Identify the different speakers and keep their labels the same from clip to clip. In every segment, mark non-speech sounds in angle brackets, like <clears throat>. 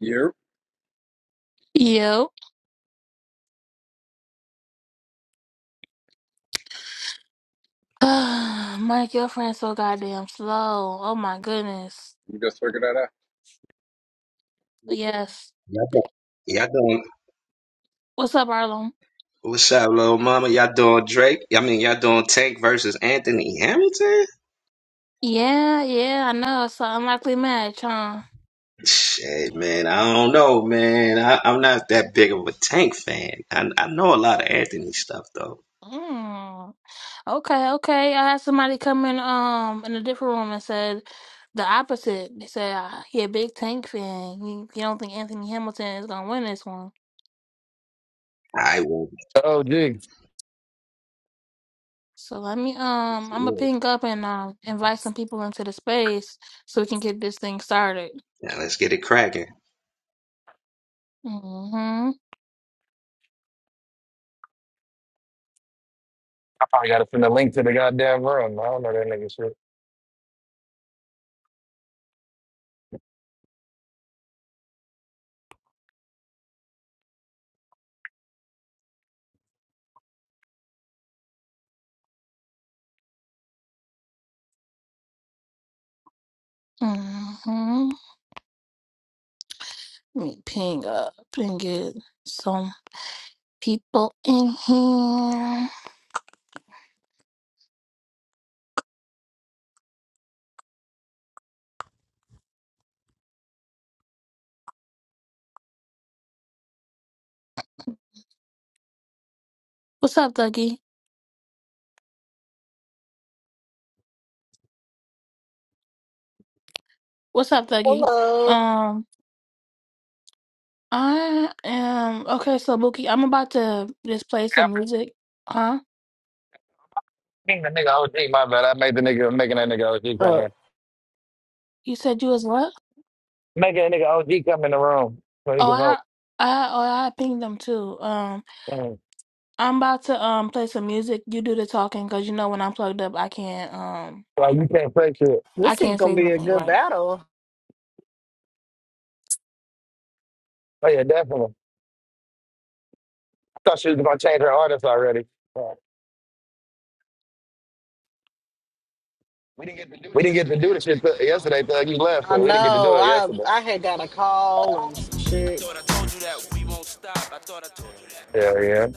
Speaker 1: Yep, You just figured that
Speaker 2: Y'all doing, y'all doing, what's up, little mama? Y'all doing Drake? I mean, y'all doing Tank versus Anthony Hamilton? Shit, man, I don't know, man. I, I'm not that big of a Tank fan. I, I know a lot of Anthony stuff, though. I will.
Speaker 3: Oh, gee.
Speaker 2: Now, let's get it cracking.
Speaker 3: I probably got to send a link to the goddamn room. I don't know that nigga shit.
Speaker 4: Hello.
Speaker 3: Yeah, I think the nigga OG, my bad. I made the nigga, I'm making that nigga OG come
Speaker 4: Uh,
Speaker 3: here. Making that nigga OG come in the room so he can vote. Mm. Like, you can't play shit.
Speaker 4: this is gonna be a good battle.
Speaker 3: Oh, yeah, definitely. I thought she was going to change her artist already. Yeah. We didn't get to do the shit th- yesterday, Thug. You left,
Speaker 4: I
Speaker 3: so we didn't get to do
Speaker 4: know.
Speaker 3: it
Speaker 4: I
Speaker 3: yesterday.
Speaker 4: I had got a call and some shit,
Speaker 3: Yeah, yeah.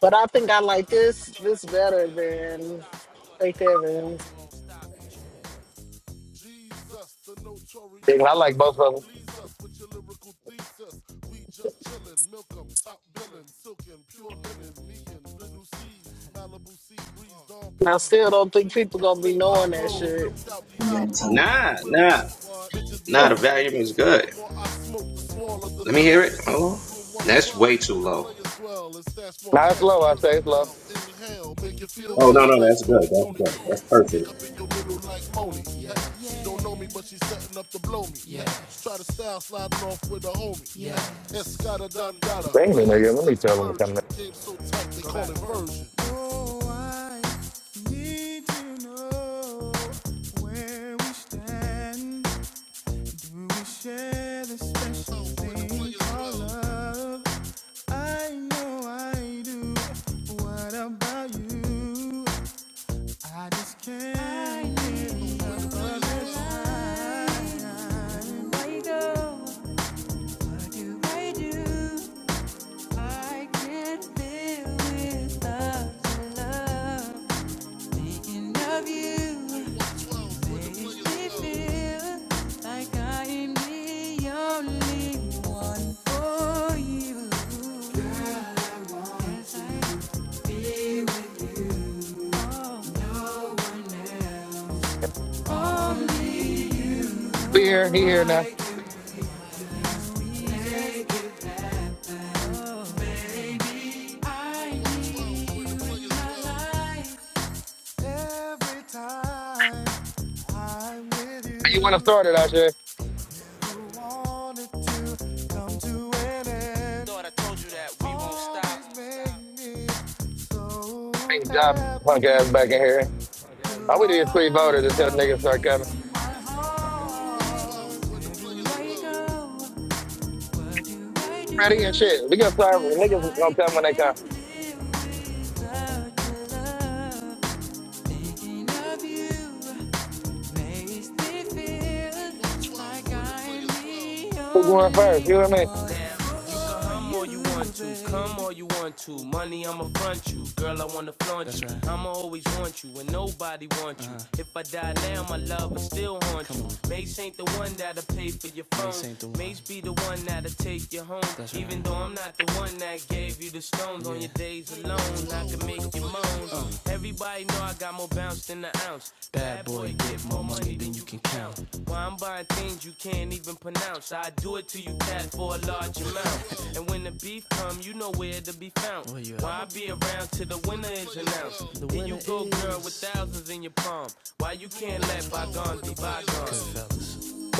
Speaker 4: but I think I like this this better than Faith Evans.
Speaker 5: Jesus, the notorious
Speaker 3: Yeah, I like
Speaker 5: just.
Speaker 3: both of
Speaker 5: Please us with your lyrical thesis. We just chillin', milk 'em, top billin', silkin', pure linen, me and the new seas. Malibu sea breeze, dawn
Speaker 4: And
Speaker 5: peas,
Speaker 4: I still
Speaker 5: palm
Speaker 4: don't think
Speaker 5: trees,
Speaker 4: people
Speaker 5: cats
Speaker 4: gonna be
Speaker 5: named
Speaker 4: knowing that
Speaker 5: Pablo, and
Speaker 4: shit.
Speaker 5: milked out Diablo. The
Speaker 2: Nah, nah,
Speaker 5: williest, bitches be the
Speaker 2: nah, the
Speaker 3: them.
Speaker 2: volume is
Speaker 5: silliest.
Speaker 2: good.
Speaker 5: The more I smoke, the smaller the
Speaker 2: Let me
Speaker 5: silly
Speaker 2: hear it.
Speaker 5: gets.
Speaker 2: Hold on. That's
Speaker 5: Room
Speaker 2: way
Speaker 5: 112,
Speaker 2: too
Speaker 5: where the
Speaker 2: low.
Speaker 5: players dwell. It's that's more
Speaker 3: Now it's
Speaker 5: cash
Speaker 3: low,
Speaker 5: than
Speaker 3: I
Speaker 5: Rick
Speaker 3: say it's low.
Speaker 5: Fidel. Inhale, make you feel
Speaker 2: Oh no,
Speaker 5: good
Speaker 2: no,
Speaker 5: like
Speaker 2: that's
Speaker 5: Tony,
Speaker 2: good. That's
Speaker 5: Tony,
Speaker 2: good.
Speaker 5: Tony.
Speaker 2: That's
Speaker 5: Kick
Speaker 2: perfect.
Speaker 5: up in your middle like Moni. Yeah. Yeah. She don't know me, but she's setting up to blow me. Yeah. Try to style, sliding off with a homie. Yeah. Escada Dandada,
Speaker 3: Bring me,
Speaker 5: players,
Speaker 3: nigga. Let me
Speaker 5: stay
Speaker 3: tell him to come in.
Speaker 5: splurging. Game so tight, they call it version. Oh, I need to know where we stand. When we share this special thing called love, I know I do. What about you? I just can't I get need enough of your shine. Wake up, what do I do? I can't live without your love. Thinking of you. Makes me feel like I am the only one for you. Yes, I be with you. Oh, only you.
Speaker 3: We here. He here now.
Speaker 5: Why can't they get I need you in my life. Every time I'm with
Speaker 3: You want to
Speaker 5: you,
Speaker 3: start it, I said.
Speaker 5: you wanted to come to an end.
Speaker 3: Bring job punk ass back in here. I would have free voters until niggas start coming. Ready and shit. We gonna start niggas gonna come when they come.
Speaker 5: Makes me feel like I'm the
Speaker 3: Who going first?
Speaker 5: only
Speaker 3: You know what I
Speaker 5: one.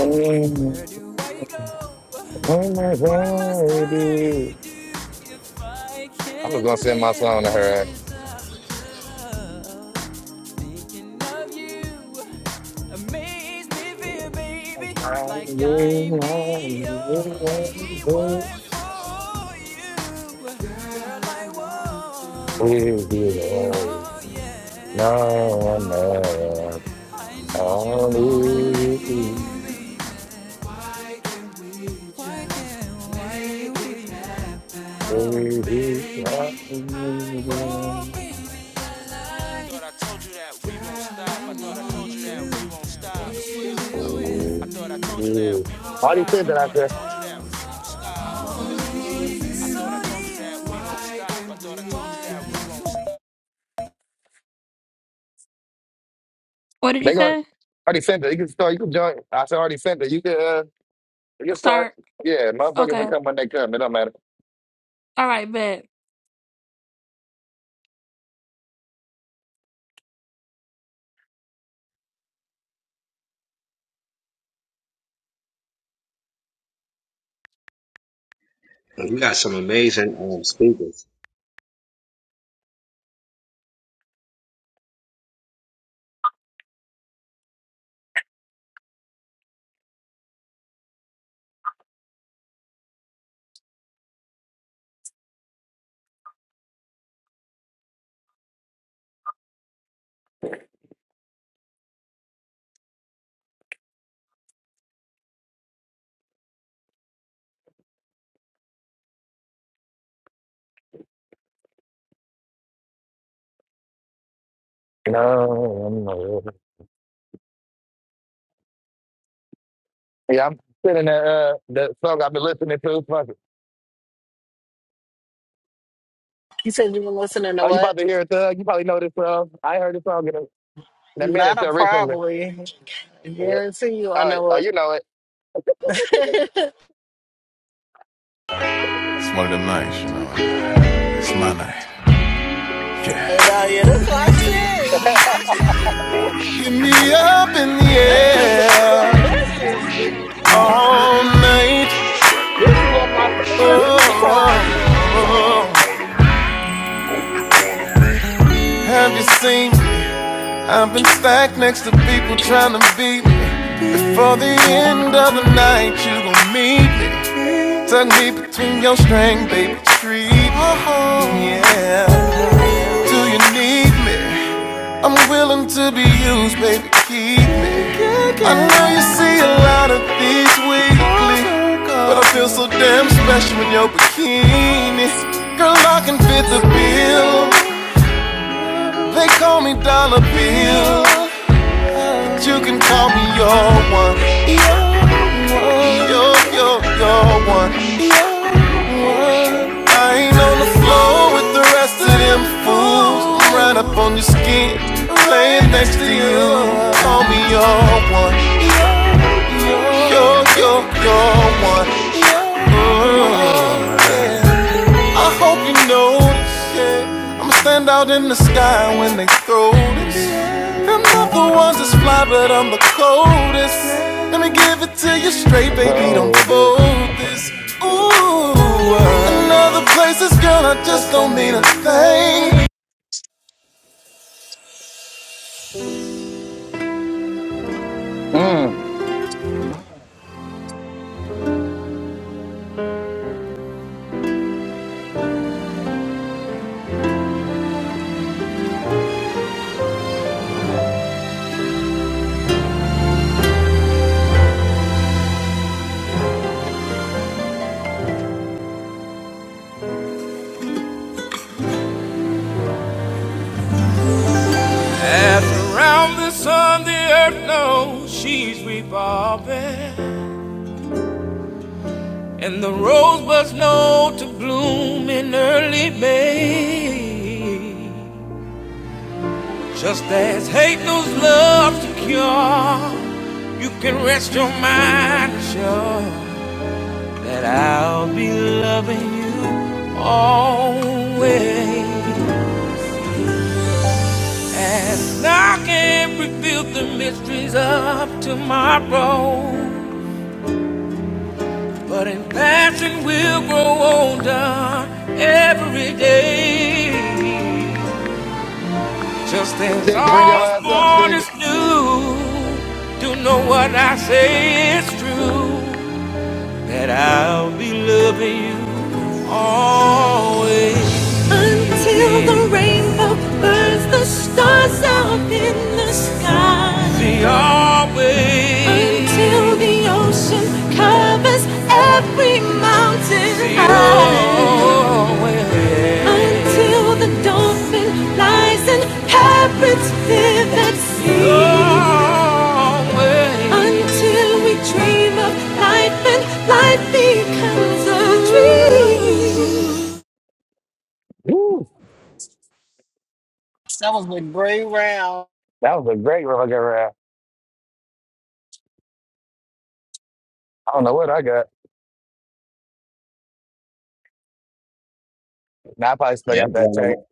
Speaker 3: mean? Mm,
Speaker 5: Where do I go?
Speaker 3: Oh my
Speaker 5: What must
Speaker 3: God, baby.
Speaker 5: I do if I
Speaker 3: I'm just
Speaker 5: can't
Speaker 3: gonna send my
Speaker 5: live
Speaker 3: song to her.
Speaker 5: without love? Thinking of you makes me feel,
Speaker 3: No
Speaker 5: baby, like I'm the
Speaker 3: one else,
Speaker 5: only one for you. Girl, I want to be, oh yeah. No one did you,
Speaker 3: only you. Baby,
Speaker 5: why can't I? wait?
Speaker 3: I
Speaker 5: Oh,
Speaker 3: need
Speaker 5: baby.
Speaker 3: you. Already <laughs> said that I said. They gonna already sent it. You can start. You can join. I said already sent it. You can. Uh, you can start. Yeah, motherfuckers can come when they come. It don't matter.
Speaker 2: You got some amazing um, speakers.
Speaker 3: No, I'm not. Yeah, I'm sitting that uh that song I've been listening to. Fuck it.
Speaker 4: You said you been listening to
Speaker 3: Oh, you about
Speaker 4: what?
Speaker 3: to hear it, Thug? You probably know this song. I ain't heard this song in a, in a
Speaker 4: Not
Speaker 3: minute
Speaker 4: a
Speaker 3: till recently.
Speaker 4: probably. I
Speaker 3: Yeah.
Speaker 4: guarantee you, I
Speaker 3: All right.
Speaker 4: know
Speaker 3: Oh,
Speaker 4: what.
Speaker 3: you know
Speaker 4: <laughs>
Speaker 5: It's one of them nights, you know. It's my night. Yeah.
Speaker 4: nah, yeah, that's my shit.
Speaker 3: it.
Speaker 5: Get me up in the
Speaker 4: This is bro.
Speaker 5: air
Speaker 4: This is this
Speaker 5: all night.
Speaker 4: is one of my favorite B
Speaker 5: Oh,
Speaker 4: sides, bro.
Speaker 5: oh, oh. Have you seen me? I've been stacked next to people trying to beat me. For the end of the night, you gon' meet me. Tuck me between your strings, baby. Treat me. Oh, Yeah. Do you need me? I'm willing to be used, baby. Keep me. I know you see a lot of these weekly, but I feel so damn special in your bikini. Girl, I can fit the bill. They call me Dollar Bill, but you can call me your one. Your one. Your, your, your one. Your one. I ain't on the floor with the rest of them fools. I'm right up on your skin, playing next to you. Call me your one. You're, you're, you're one. Mm, yeah. I hope you notice. yeah. I'ma stand out in the sky when they throw this. I'm not the ones that's fly, but I'm the coldest. Let me give it to you straight,
Speaker 3: <laughs>
Speaker 5: baby. Don't
Speaker 3: oh, this.
Speaker 5: fold this. Ooh, another place is girl. I just don't mean a thing.
Speaker 3: Mm.
Speaker 5: And the rose was known to bloom in early May. Just as hate knows love to cure, you can rest your mind sure that I'll be loving you always. And I can't reveal the mysteries of tomorrow.
Speaker 3: Stick, bring your ass up, Stick.
Speaker 5: Until the rainbow burns the stars out in the sky. Till the ocean covers every mountain high. Until the dolphin lies and parrots live at sea. Until we dream of life and life becomes a dream.
Speaker 3: Woo.
Speaker 4: That was a great round.
Speaker 3: That was a great rock around. I don't know what I got. Now I probably still
Speaker 2: Yeah,
Speaker 3: got
Speaker 2: that's
Speaker 3: that
Speaker 2: one, of
Speaker 3: tape.
Speaker 2: my,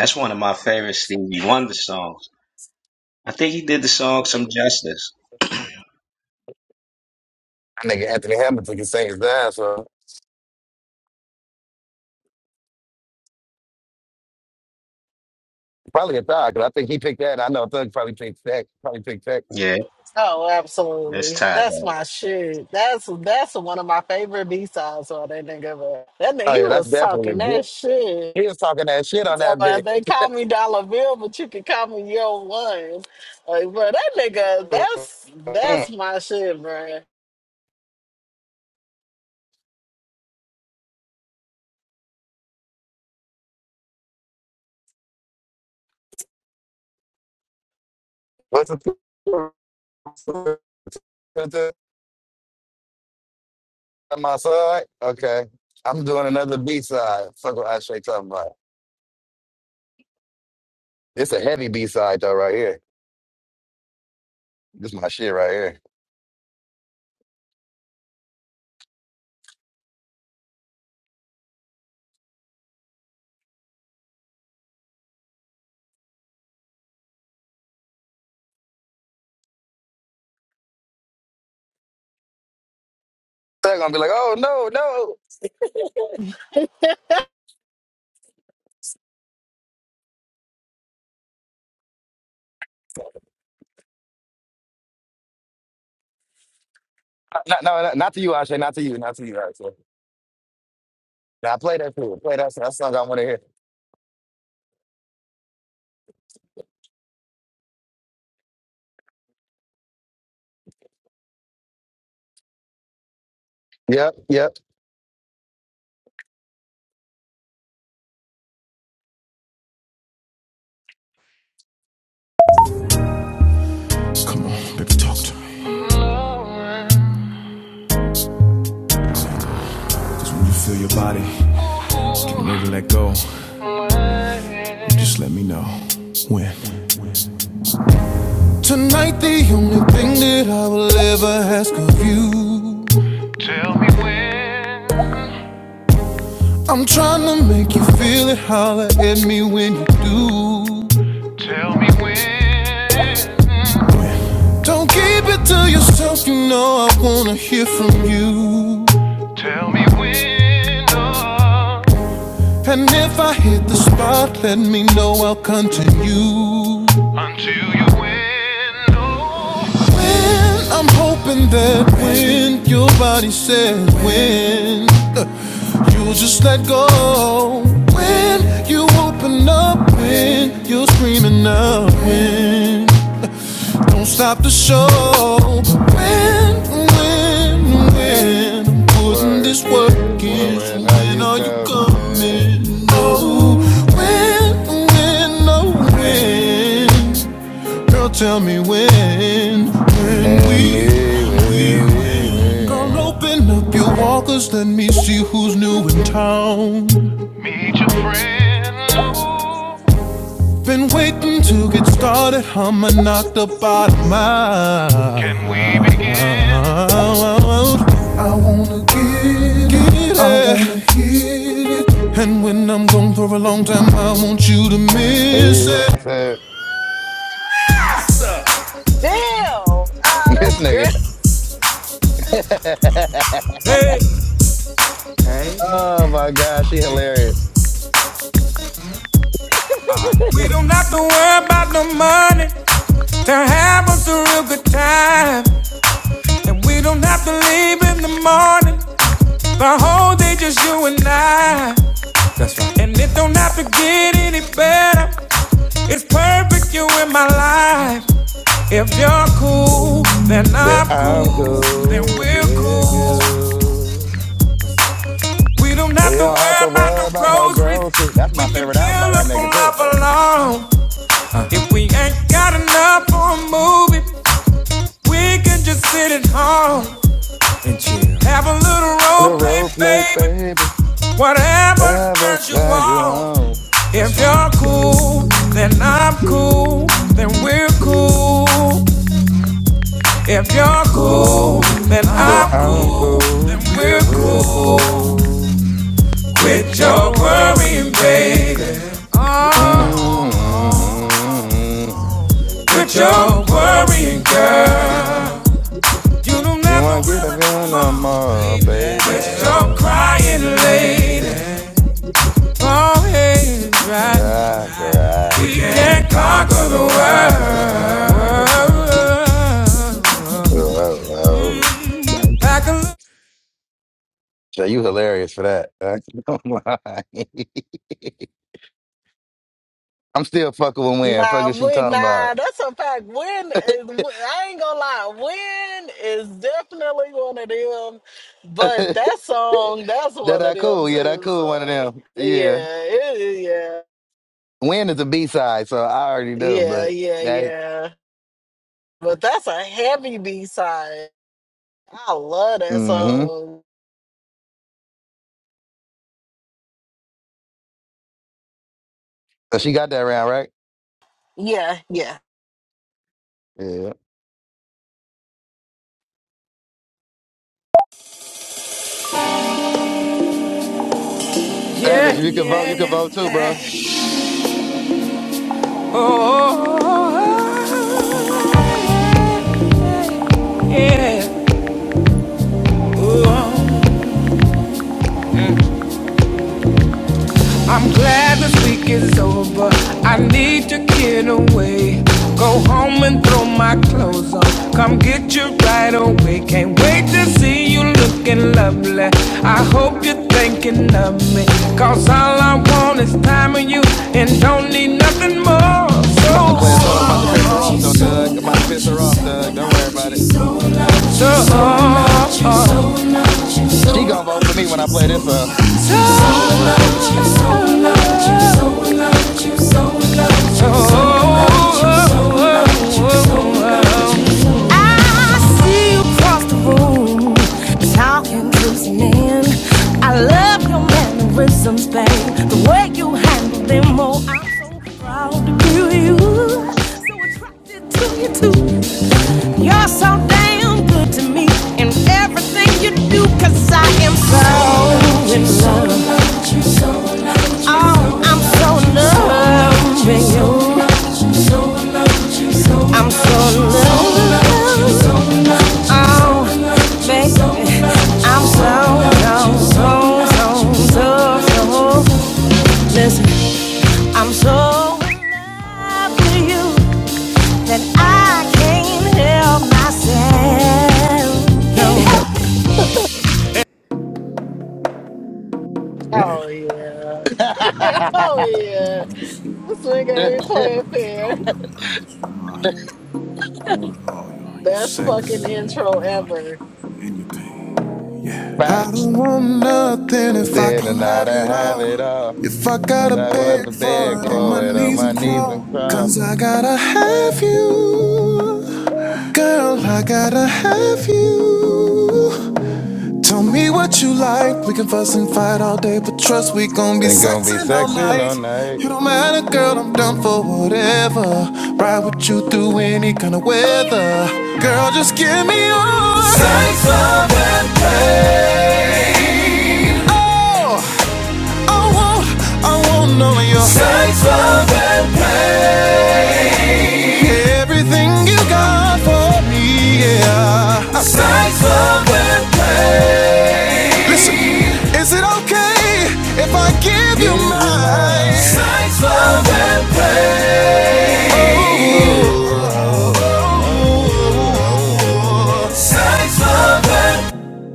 Speaker 2: that's one of my favorite Stevie Wonder songs. I think he did the song "Some Justice."
Speaker 3: That nigga Anthony Hamilton can sing his ass off. Probably a thug, 'cause I think he picked that. I know Thug probably picked tech. Probably picked tech.
Speaker 2: Yeah,
Speaker 4: Oh,
Speaker 2: that's
Speaker 4: absolutely.
Speaker 2: tied up.
Speaker 4: That's my shit. That's that's one of my favorite B sides on that nigga. man. That nigga
Speaker 3: Oh
Speaker 4: he
Speaker 3: yeah, that's
Speaker 4: was
Speaker 3: definitely a
Speaker 4: talking
Speaker 3: good.
Speaker 4: that shit.
Speaker 3: He was talking that shit
Speaker 4: He
Speaker 3: on
Speaker 4: talking
Speaker 3: that
Speaker 4: about
Speaker 3: bit.
Speaker 4: they call me Dollar Bill, but you can call me Yo One. Like, bro, that nigga, that's that's my shit, bro.
Speaker 3: What's the on <laughs> my side? Okay, I'm doing another B side. Fuck what Ashay talking about. It's a heavy B side though, right here. This my shit right here. They're gonna be like, oh no, no, Uh, not, no, no, not to you, Ashay, not to you, not to you, Ashay. Now play that fool, play that. That's the song I want to hear. Yep, yep.
Speaker 5: Come on, baby, talk to me. Cause when you feel your body, just getting ready to let go. Just let me know when. Tonight, the only thing that I will ever ask of you I'm tryna make you feel it. Holler at me when you do. Don't keep it to yourself. You know I wanna hear from you. And if I hit the spot, let me know. I'll continue. When I'm hoping that when your body says when, uh, you just let go. When you open up, when you're screaming out, when uh, don't stop the show. When, when, when I'm putting
Speaker 3: work
Speaker 5: this
Speaker 3: is,
Speaker 5: work
Speaker 3: but
Speaker 5: in, so
Speaker 3: when are
Speaker 5: when
Speaker 3: you
Speaker 5: are you
Speaker 3: coming?
Speaker 5: coming? Oh, when, when, oh, when. Girl, tell me when, when
Speaker 3: And
Speaker 5: we.
Speaker 3: leaving,
Speaker 5: Girl,
Speaker 3: leaving.
Speaker 5: open up your walkers, let me see who's new in town. Meet your friend. Been waiting to get started, I'ma knock the bottom out. Can we begin? I wanna get, get it. I wanna hit it. And when I'm gone for a long time, I want you to miss it.
Speaker 3: It's a-
Speaker 4: Damn. Ah,
Speaker 3: This
Speaker 4: that's good.
Speaker 3: nigga. <laughs>
Speaker 5: Hey.
Speaker 3: oh my God, she hilarious.
Speaker 5: We don't have to worry about no money to have us a real good time. And we don't have to leave in the morning. The whole day just you and I. That's right. And it don't have to get any better. It's perfect you in my life. If you're cool, then
Speaker 3: That
Speaker 5: I'm
Speaker 3: I'm
Speaker 5: cool, then
Speaker 3: cool,
Speaker 5: we're
Speaker 3: that we're
Speaker 5: cool.
Speaker 3: cool.
Speaker 5: We don't
Speaker 3: We
Speaker 5: have to
Speaker 3: don't have to
Speaker 5: worry about
Speaker 3: worry
Speaker 5: no
Speaker 3: about no
Speaker 5: groceries.
Speaker 3: grocery. That's
Speaker 5: We
Speaker 3: my
Speaker 5: can
Speaker 3: favorite album by
Speaker 5: fill
Speaker 3: that
Speaker 5: up
Speaker 3: nigga
Speaker 5: on
Speaker 3: too.
Speaker 5: love alone. Uh, If we ain't got enough for a movie, we can just sit at home and chill. Have a little
Speaker 3: The
Speaker 5: role play,
Speaker 3: road plate,
Speaker 5: baby.
Speaker 3: baby.
Speaker 5: Whatever
Speaker 3: Never
Speaker 5: turns you
Speaker 3: turn you
Speaker 5: on.
Speaker 3: on.
Speaker 5: If you're cool, then I'm cool, then we're cool. If you're cool, then
Speaker 3: That
Speaker 5: I'm cool,
Speaker 3: I'm cool, then
Speaker 5: we're
Speaker 3: we're
Speaker 5: cool.
Speaker 3: cool.
Speaker 5: Quit your worrying, baby. Oh,
Speaker 3: mm
Speaker 5: quit your worrying, girl. You don't
Speaker 3: You
Speaker 5: have
Speaker 3: want
Speaker 5: to
Speaker 3: to get a
Speaker 5: worry,
Speaker 3: feel no more, baby.
Speaker 5: you're crying, lady. always right.
Speaker 3: Rock, rock.
Speaker 5: Can't conqueror.
Speaker 3: Whoa, whoa.
Speaker 5: Like a
Speaker 3: So you hilarious for that. <laughs> I'm lying. <laughs> I'm still fucking with Win. Fuck
Speaker 4: Nah,
Speaker 3: is she
Speaker 4: when
Speaker 3: talking about?
Speaker 4: nah, that's a fact. When is I ain't gonna lie, when is definitely one of them.
Speaker 3: <laughs>
Speaker 4: But
Speaker 3: that
Speaker 4: that song, that's one of
Speaker 3: I
Speaker 4: them
Speaker 3: cool. Yeah, that
Speaker 4: too.
Speaker 3: cool. One of
Speaker 4: So
Speaker 3: them. Yeah.
Speaker 4: yeah, it, yeah,
Speaker 3: Win is a B side, so I already know,
Speaker 4: yeah,
Speaker 3: but
Speaker 4: yeah,
Speaker 3: that,
Speaker 4: yeah. But that's a heavy B side. I love that
Speaker 3: mm hmm.
Speaker 4: song.
Speaker 3: So she got that round, right?
Speaker 4: Yeah, yeah.
Speaker 3: Yeah. Savage,
Speaker 5: yeah, yeah.
Speaker 3: if you can vote, you can
Speaker 5: yeah,
Speaker 3: vote too,
Speaker 5: yeah.
Speaker 3: bro.
Speaker 5: Oh, oh, oh, oh, oh, yeah. Ooh, Oh, I'm glad this week is over. I need to get away. Go home and throw my clothes on. Come get you right away. Can't wait to see you looking lovely. I hope you're thinking of me. Cause all I want is time with you and don't need nothing more.
Speaker 3: I'm about to play a song that's about to piss her off, though, Thug. I'm about to piss her off, Thug. Don't worry about it.
Speaker 5: So,
Speaker 3: She gonna vote for me when
Speaker 5: so,
Speaker 3: I play this song.
Speaker 5: so, I see you across the room, talking to I love your mannerisms, babe. The way you handle them, oh, I'm so proud to be you. So attracted to you too. You're so damn good to me in everything you do, 'cause I am so in love. Oh, I'm so in love with you. I'm so low. Oh, baby. I'm so low. So, so, so, so. Listen, I'm so in love with you that I can't help myself.
Speaker 4: Oh yeah.
Speaker 3: <laughs> Facts.
Speaker 4: <laughs> oh yeah.
Speaker 5: No.
Speaker 4: This nigga ain't playing
Speaker 5: Keep it all
Speaker 4: fair.
Speaker 5: the way 100 with you. you know, I, I want it all, you know, your
Speaker 4: Best fucking
Speaker 5: sex, your
Speaker 4: intro ever.
Speaker 5: anything. I don't want nothing if I
Speaker 3: Then
Speaker 5: can't
Speaker 3: and I
Speaker 5: have
Speaker 3: don't
Speaker 5: it
Speaker 3: have
Speaker 5: all.
Speaker 3: it all.
Speaker 5: If I gotta
Speaker 3: And I want
Speaker 5: beg
Speaker 3: to
Speaker 5: for
Speaker 3: beg
Speaker 5: it on my
Speaker 3: for it on
Speaker 5: knees
Speaker 3: my
Speaker 5: and
Speaker 3: knees and
Speaker 5: crawl,
Speaker 3: crawl.
Speaker 5: 'cause I gotta have you. Girl, I gotta have you. Tell me what you like. We can fuss and fight all day, but trust we gon' be
Speaker 3: Ain't gonna be
Speaker 5: sexing all
Speaker 3: sexing
Speaker 5: night.
Speaker 3: all night.
Speaker 5: You don't matter, girl, I'm down for whatever. Ride with you through any kind of weather. Girl, just give me your sex, love, and pain. Oh, I want, I want all of your sex, love, and pain. Everything you got for me, yeah. I sight love and play. Listen, is it okay if I give you
Speaker 3: Give you
Speaker 5: my
Speaker 3: my
Speaker 5: sight love and play?
Speaker 3: ooh, oh, oh, oh, oh, oh, oh, oh.
Speaker 5: Sight love and play.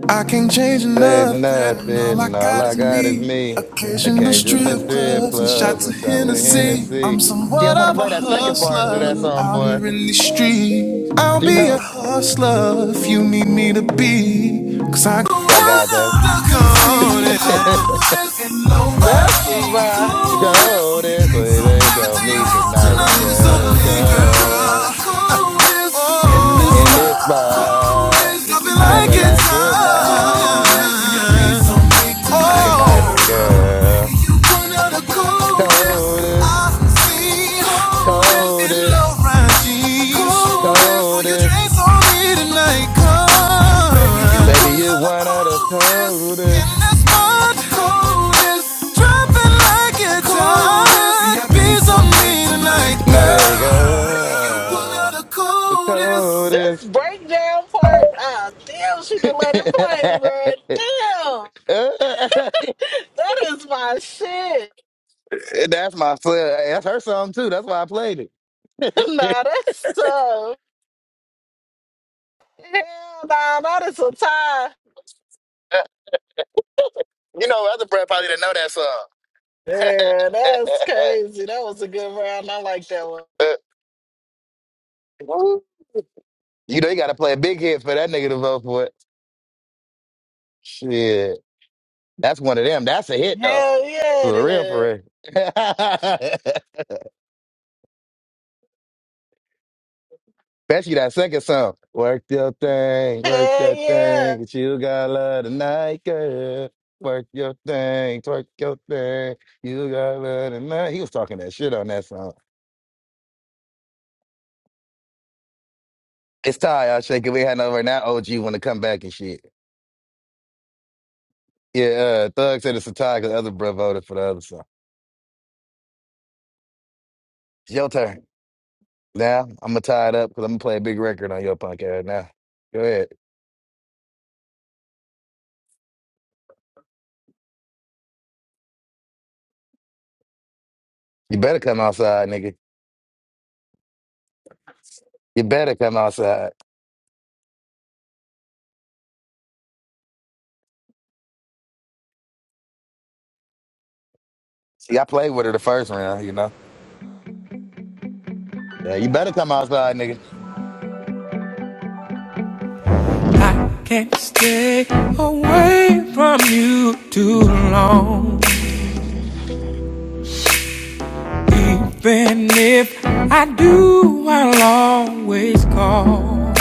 Speaker 5: I can't change
Speaker 3: There's
Speaker 5: nothing, and all I
Speaker 3: nothing. All
Speaker 5: got
Speaker 3: I
Speaker 5: is
Speaker 3: got is
Speaker 5: me.
Speaker 3: me. The
Speaker 5: Occasional
Speaker 3: cage in the
Speaker 5: strip
Speaker 3: strip
Speaker 5: clubs and
Speaker 3: club
Speaker 5: shots of
Speaker 3: and shots
Speaker 5: Hennessy.
Speaker 3: Hennessy.
Speaker 5: I'm
Speaker 3: She don't
Speaker 5: somewhat
Speaker 3: want to
Speaker 5: of a
Speaker 3: play that second part to that
Speaker 5: hustler
Speaker 3: song,
Speaker 5: out
Speaker 3: boy.
Speaker 5: here in these streets. I'll
Speaker 3: She
Speaker 5: be a
Speaker 3: know.
Speaker 5: hustler if you need me to be. 'Cause I go
Speaker 3: I got that.
Speaker 5: stuck on it.
Speaker 3: <laughs>
Speaker 5: And
Speaker 4: That's
Speaker 5: nobody
Speaker 4: bruh.
Speaker 5: cool this.
Speaker 3: Cold is it's on
Speaker 5: Everything you
Speaker 3: me
Speaker 5: want
Speaker 3: tonight,
Speaker 5: tonight is a
Speaker 3: girl,
Speaker 5: girl.
Speaker 3: girl.
Speaker 5: Cool this.
Speaker 3: In this spot,
Speaker 5: I've been
Speaker 3: drop
Speaker 5: like
Speaker 3: it
Speaker 5: it
Speaker 3: like it's
Speaker 5: time.
Speaker 3: hot tonight,
Speaker 5: Oh,
Speaker 3: girl.
Speaker 5: one of the coldest
Speaker 3: Coldest,
Speaker 5: I've seen. Coldest in
Speaker 3: coldest,
Speaker 5: low-rise jeans. Coldest. Oh, you
Speaker 3: coldest.
Speaker 5: drink so me tonight, come. Baby, you're
Speaker 3: Baby,
Speaker 5: one
Speaker 3: you
Speaker 5: of the
Speaker 3: one of the
Speaker 5: coldest in
Speaker 3: coldest.
Speaker 5: this mud. Coldest. Dropping like it's hot. Coldest. Yeah, be so me tonight, girl. Baby, you're one of
Speaker 3: Nigga,
Speaker 5: the
Speaker 3: the
Speaker 5: coldest.
Speaker 4: This
Speaker 3: coldest.
Speaker 4: breakdown part, ah, damn, she didn't let it play, man. Damn,
Speaker 3: <laughs>
Speaker 4: that is my shit.
Speaker 3: That's my son. Hey, That's her song too. That's why I played it.
Speaker 4: <laughs> nah, that's tough. Hell nah, that is a tie.
Speaker 3: Uh, You know, other Brad probably didn't know that song.
Speaker 4: Yeah, that's
Speaker 3: <laughs>
Speaker 4: crazy. That was a good round. I like that one.
Speaker 3: Uh, you know, you got to play a big hit for that nigga to vote for it. Shit, that's one of them. That's a hit though,
Speaker 4: Hell yeah, it
Speaker 3: for real,
Speaker 4: is.
Speaker 3: for real. <laughs> Especially that second song. Work your thing, work
Speaker 4: Hell
Speaker 3: that
Speaker 4: yeah.
Speaker 3: thing, 'cause you got love tonight, girl. Work your thing, work your thing, you got love tonight. He was talking that shit on that song. It's Ty, you shake it. We had over now. OG want to come back and shit. Yeah, uh, Thug said it's a tie because the other bro voted for the other song. It's your turn. Now, I'm going to tie it up because I'm going to play a big record on your punk ass now. Go ahead. You better come outside, nigga. You better come outside. See, I played with her the first round, you know. Yeah, you better come outside, nigga.
Speaker 5: I Can't stay away from you too long. Then if I do, I'll always call.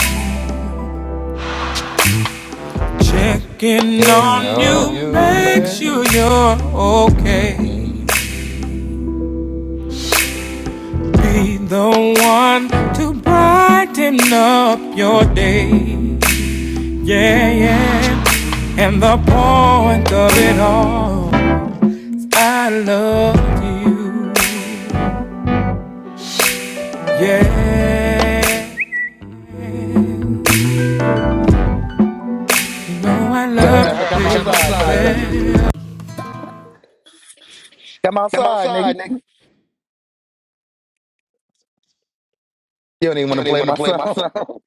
Speaker 5: Checking
Speaker 3: And
Speaker 5: on you,
Speaker 3: know you
Speaker 5: make
Speaker 3: make.
Speaker 5: sure you're okay.
Speaker 3: Mm-mm.
Speaker 5: Be the one to brighten up your day. Yeah, yeah. And the point of it all, I love
Speaker 3: Sarah
Speaker 5: Damn,
Speaker 3: has to come
Speaker 5: you, nigga,
Speaker 3: outside, thug. Come outside, nigga.
Speaker 5: outside, nigga. You
Speaker 3: You don't even want to
Speaker 5: don't even
Speaker 3: play
Speaker 5: want
Speaker 3: my
Speaker 5: to play my <laughs>
Speaker 3: song.
Speaker 5: song.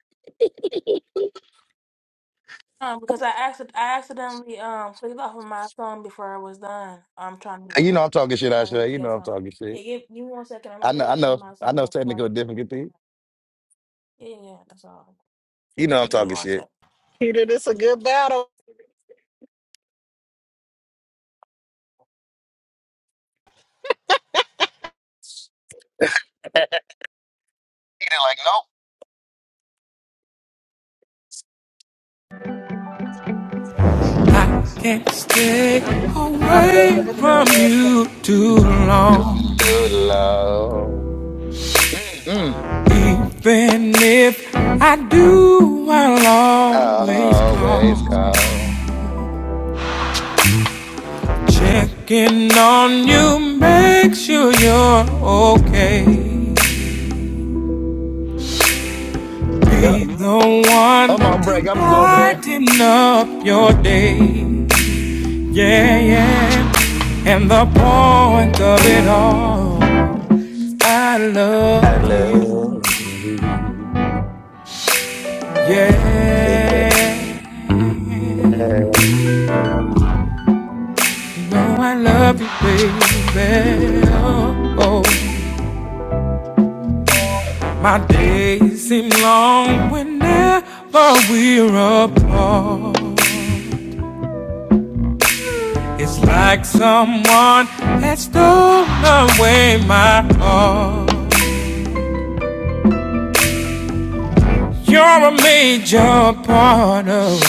Speaker 3: <laughs> you know I'm talking shit, Asha. You know I'm talking shit. I know, I know, I know technical difficulty. You know I'm talking shit.
Speaker 4: Peter, this a good battle.
Speaker 3: <laughs> he did like, nope.
Speaker 5: Can't stay
Speaker 6: I'm joking.
Speaker 5: away
Speaker 6: This girl
Speaker 5: from
Speaker 6: loves Tank.
Speaker 5: you too long.
Speaker 3: Too low. Mm.
Speaker 5: Even if I do, I'll
Speaker 3: I
Speaker 5: always
Speaker 3: always
Speaker 5: call.
Speaker 3: call.
Speaker 5: Checking on you, make sure you're okay.
Speaker 3: Yeah. I'm on break. I'm gonna go over there.
Speaker 5: Wanting up your day, yeah, yeah. The more I
Speaker 3: I
Speaker 5: love you,
Speaker 3: love you. Yeah.
Speaker 5: the better. Oh, no.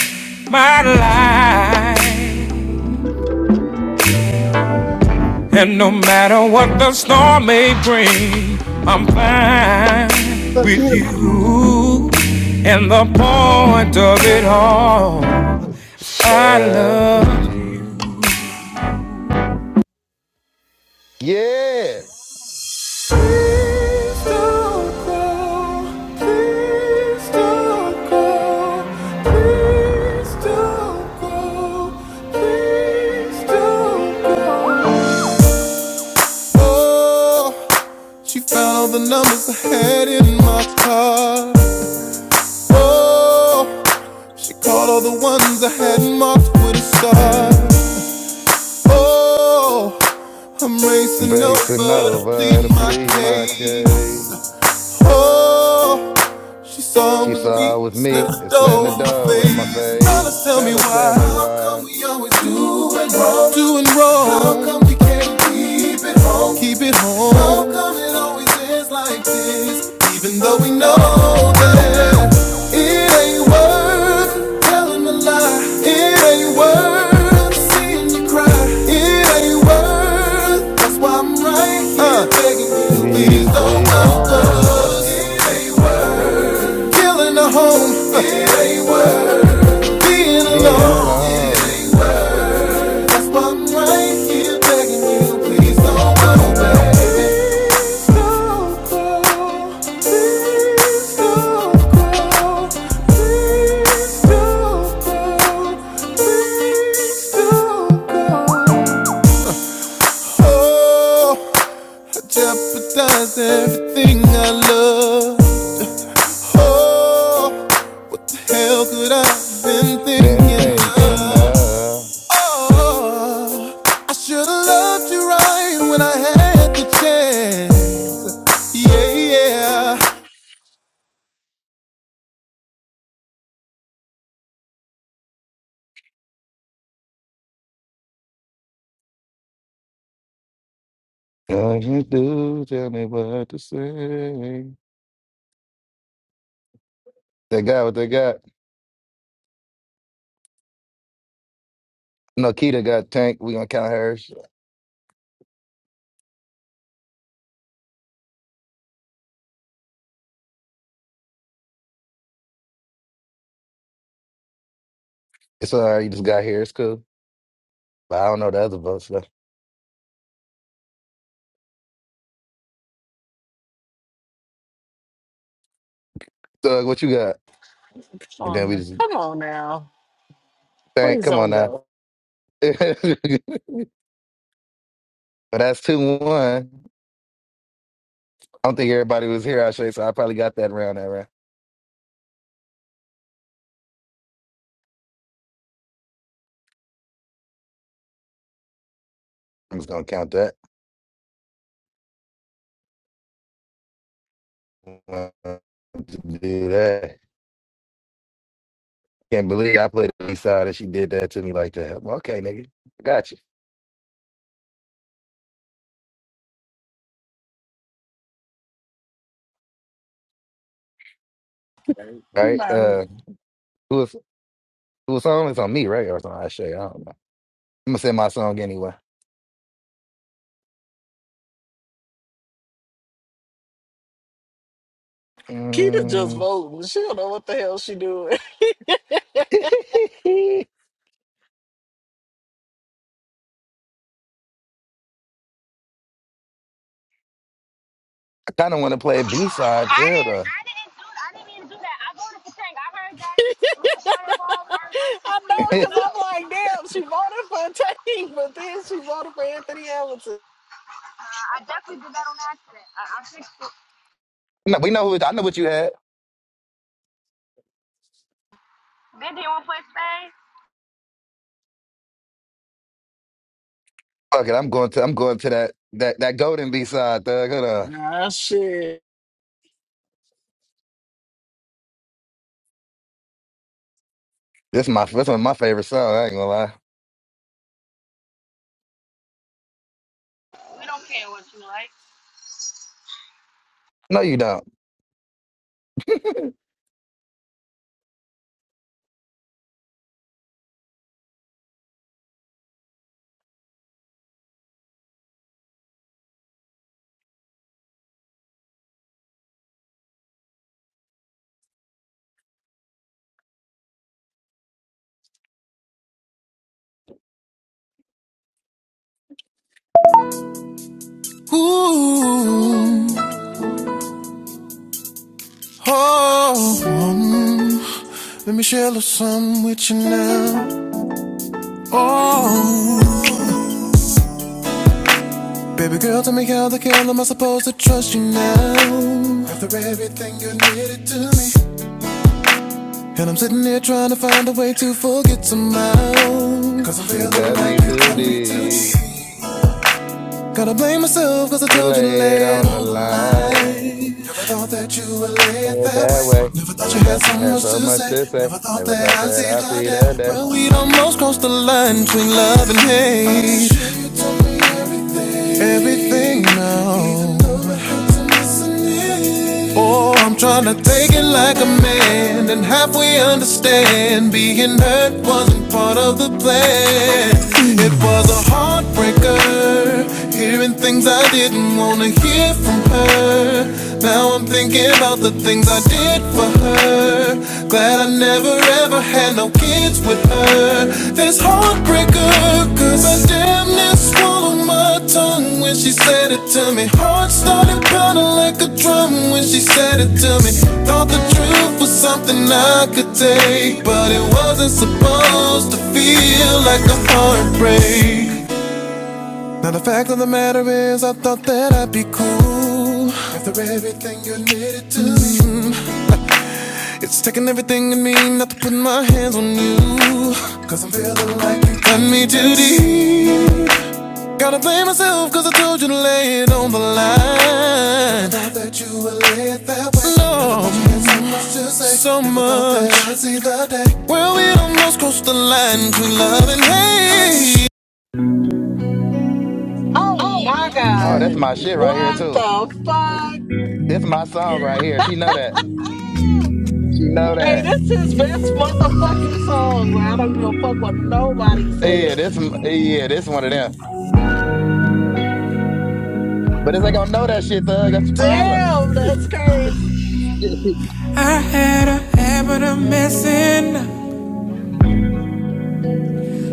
Speaker 7: Sakina,
Speaker 3: Love you. Yeah.
Speaker 5: Oh, She found all the numbers I had in my car. Oh, she called all the ones I had marked with a star. Oh, I'm racing
Speaker 3: Grayson
Speaker 5: over to
Speaker 3: over
Speaker 5: plead
Speaker 3: to
Speaker 5: my
Speaker 3: plead my
Speaker 5: case.
Speaker 3: case.
Speaker 5: Oh, She saw it
Speaker 3: She
Speaker 5: was
Speaker 3: saw
Speaker 5: me,
Speaker 3: it was me
Speaker 5: slammed the
Speaker 3: and slammed
Speaker 5: door
Speaker 3: the
Speaker 5: in my
Speaker 3: door in my
Speaker 5: face. Fellas,
Speaker 3: face.
Speaker 5: tell me
Speaker 3: Fellas,
Speaker 5: why.
Speaker 3: tell me
Speaker 5: How come
Speaker 3: why.
Speaker 5: we always doing wrong? Doing wrong. How come we can't keep it home? Keep it home. How come it always is like this? Even though we know that it ain't worth telling a lie. It ain't worth seeing you cry. It ain't worth. That's why I'm right here uh. begging you,
Speaker 3: Can
Speaker 5: please
Speaker 3: you
Speaker 5: don't
Speaker 3: please
Speaker 5: go.
Speaker 3: don't go
Speaker 5: go. It ain't
Speaker 3: cause
Speaker 5: worth. Feeling the home, uh, being
Speaker 3: being
Speaker 5: alone.
Speaker 3: alone.
Speaker 5: Begging, please don't go, baby. Please don't go. Please don't go. Please don't go. Please don't go. Oh, jeopardize everything I love. Oh, hell could I have been
Speaker 3: Been
Speaker 5: thinking
Speaker 3: thinking
Speaker 5: of?
Speaker 3: of
Speaker 5: Oh, Should've loved you right when I had the chance. Yeah, yeah.
Speaker 3: all you do, tell me what to say. They got what they got. No, Keita got Tank. We gonna count hers. It's all right. You just got here. It's cool. But I don't know the other votes though. Thug, what you got?
Speaker 4: Come
Speaker 3: And then
Speaker 4: on,
Speaker 3: we
Speaker 4: now-
Speaker 3: just
Speaker 4: come on now.
Speaker 3: Tank.
Speaker 4: Please
Speaker 3: Come
Speaker 4: don't
Speaker 3: on now.
Speaker 4: go.
Speaker 3: <laughs> but that's 2 1. I don't think everybody was here, actually, so I probably got that round that round. I'm just going to count that. Uh, Do that. Can't believe I played the east side and she did that to me like that. Well, okay, nigga. Got you. All right.
Speaker 4: Nah,
Speaker 3: Uh, who was, who was on? It's on me, right? Or it's on Ashay. I don't know. I'm going to say my song anyway.
Speaker 4: Keita just
Speaker 3: Mm.
Speaker 4: voting. She don't know what the hell she doing. <laughs>
Speaker 3: <laughs> I kind of want to play a B side, too,
Speaker 6: I didn't.
Speaker 3: though.
Speaker 6: I didn't do. I didn't even do that. I voted for Tank. I heard that it was the pointer ball first versus
Speaker 4: I
Speaker 6: please don't
Speaker 4: know,
Speaker 3: <laughs>
Speaker 4: cause
Speaker 6: go.
Speaker 4: I'm like, damn, she voted for Tate, <laughs> but then she voted for Anthony Hamilton.
Speaker 6: Uh, I definitely did that on accident. I, I fixed it.
Speaker 3: no, we know who, I know what you had.
Speaker 6: Then they want to play Spain.
Speaker 3: Fuck it. I'm going to, I'm going to that, that, that golden B side, thug. Hold on.
Speaker 4: Ah, shit.
Speaker 3: This my this one of my favorite song. I ain't gonna lie.
Speaker 6: We don't care what you like.
Speaker 3: No, you don't. <laughs>
Speaker 5: Ooh, oh. mm. Let me share a little something with you now. Oh, baby girl, tell me how the hell am I supposed to trust you now? After everything you did to me, and I'm sitting here trying to find a way to forget somehow. i I'm
Speaker 3: You
Speaker 5: feeling
Speaker 3: cut me
Speaker 5: like you
Speaker 3: too
Speaker 5: got me too
Speaker 3: deep.
Speaker 5: deep. Gotta blame myself cause I
Speaker 3: You
Speaker 5: told you to
Speaker 3: lay it
Speaker 5: lay it
Speaker 3: on the
Speaker 5: on the
Speaker 3: line.
Speaker 5: line. Never thought that you would lay
Speaker 3: Say
Speaker 5: it
Speaker 3: it
Speaker 5: that
Speaker 3: that way.
Speaker 5: way. Never thought
Speaker 3: Never
Speaker 5: you had
Speaker 3: thought you
Speaker 5: so
Speaker 3: had
Speaker 5: much to
Speaker 3: so much
Speaker 5: say.
Speaker 3: to say.
Speaker 5: Never thought
Speaker 3: Never
Speaker 5: that
Speaker 3: thought
Speaker 5: I'd
Speaker 3: that
Speaker 5: see
Speaker 3: I
Speaker 5: the
Speaker 3: see
Speaker 5: day.
Speaker 3: the day.
Speaker 5: Well, we'd almost crossed the line between love and hate everything now. Oh, I'm trying to take it like a man and halfway understand being hurt wasn't part of the plan. It was a heartbreaker, hearing things I didn't want to hear from her. Now I'm thinking about the things I did for her. Glad I never ever had no kids with her. This heartbreaker, cause I damn near swallowed my tongue when she said it to me. Heart started pounding like a drum when she said it to me. Thought the truth was something I could take, but it wasn't supposed to feel like a heartbreak. Now the fact of the matter is, I thought that I'd be cool after everything you admitted to me. It's taking everything in me not to put my hands on you, i I'm feeling like you cut me too deep. Gotta blame myself cause I told you to lay it on the line. I Thought that you would lay it that way. No, so much to say. so Thought much. that I'd see the day. Well, we almost crossed the line between love and hate.
Speaker 4: Oh my
Speaker 3: Oh, that's
Speaker 4: god,
Speaker 3: my shit right here
Speaker 4: what
Speaker 3: too.
Speaker 4: the fuck?
Speaker 3: This my song right here. She know that.
Speaker 4: Ah.
Speaker 3: She know
Speaker 4: Hey,
Speaker 3: that.
Speaker 4: this is his best motherfucking song, bro. I don't give a fuck what nobody
Speaker 3: Yeah,
Speaker 4: said.
Speaker 3: this m- yeah, this one of them. But this ain't gonna know that shit, thug. That's the problem.
Speaker 4: Damn, that's crazy.
Speaker 3: <laughs>
Speaker 5: I had a habit of messing up.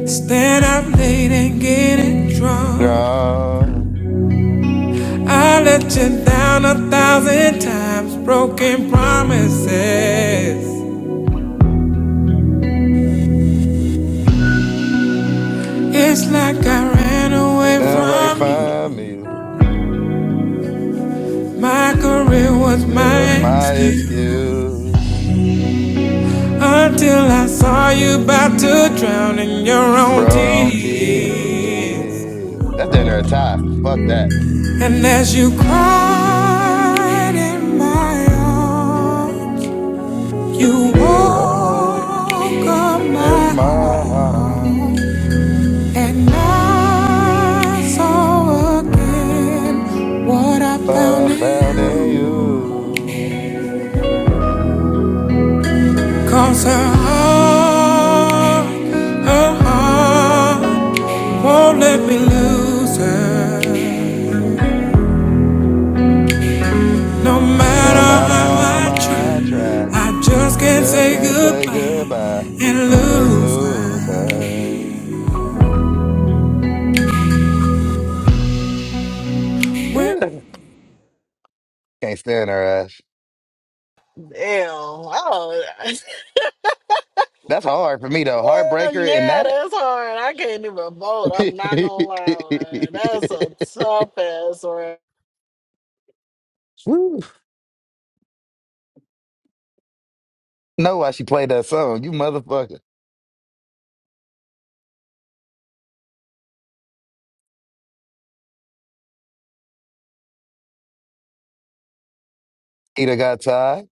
Speaker 5: Staying up late and getting drunk.
Speaker 3: Draw
Speaker 5: I let you down a thousand times, broken promises. It's like I ran away
Speaker 3: away
Speaker 5: from you.
Speaker 3: from you.
Speaker 5: My career was
Speaker 3: It was
Speaker 5: my
Speaker 3: my
Speaker 5: excuse
Speaker 3: excuse.
Speaker 5: until I saw you about to drown in your own tears.
Speaker 3: Bronte. That's the A tie. Fuck that.
Speaker 5: And as you cried in my arms, you
Speaker 3: You are
Speaker 5: woke up my
Speaker 3: in my heart,
Speaker 5: heart. And I saw again what I
Speaker 3: but I
Speaker 5: found in
Speaker 3: found in
Speaker 5: you.
Speaker 3: you.
Speaker 5: Cause her heart, her heart. Won't let me lose her. No
Speaker 3: No
Speaker 5: matter
Speaker 3: matter
Speaker 5: how
Speaker 3: how much
Speaker 5: I
Speaker 3: I
Speaker 5: try,
Speaker 3: try,
Speaker 5: I just
Speaker 3: I
Speaker 5: can't
Speaker 3: just
Speaker 5: say
Speaker 3: can't say
Speaker 5: goodbye
Speaker 3: goodbye
Speaker 5: and
Speaker 3: and
Speaker 5: lose her.
Speaker 3: lose her.
Speaker 5: When-
Speaker 3: Ew. Can't stand her ass.
Speaker 4: Damn. Oh, <laughs>
Speaker 3: That's hard for me though.
Speaker 4: hell
Speaker 3: Heartbreaker in
Speaker 4: yeah,
Speaker 3: that.
Speaker 4: that's hard. I can't even vote. I'm not gonna
Speaker 3: <laughs>
Speaker 4: lie, man. That's a tough ass, round.
Speaker 3: Woo. know why she played that song? You motherfucker. Either got tied.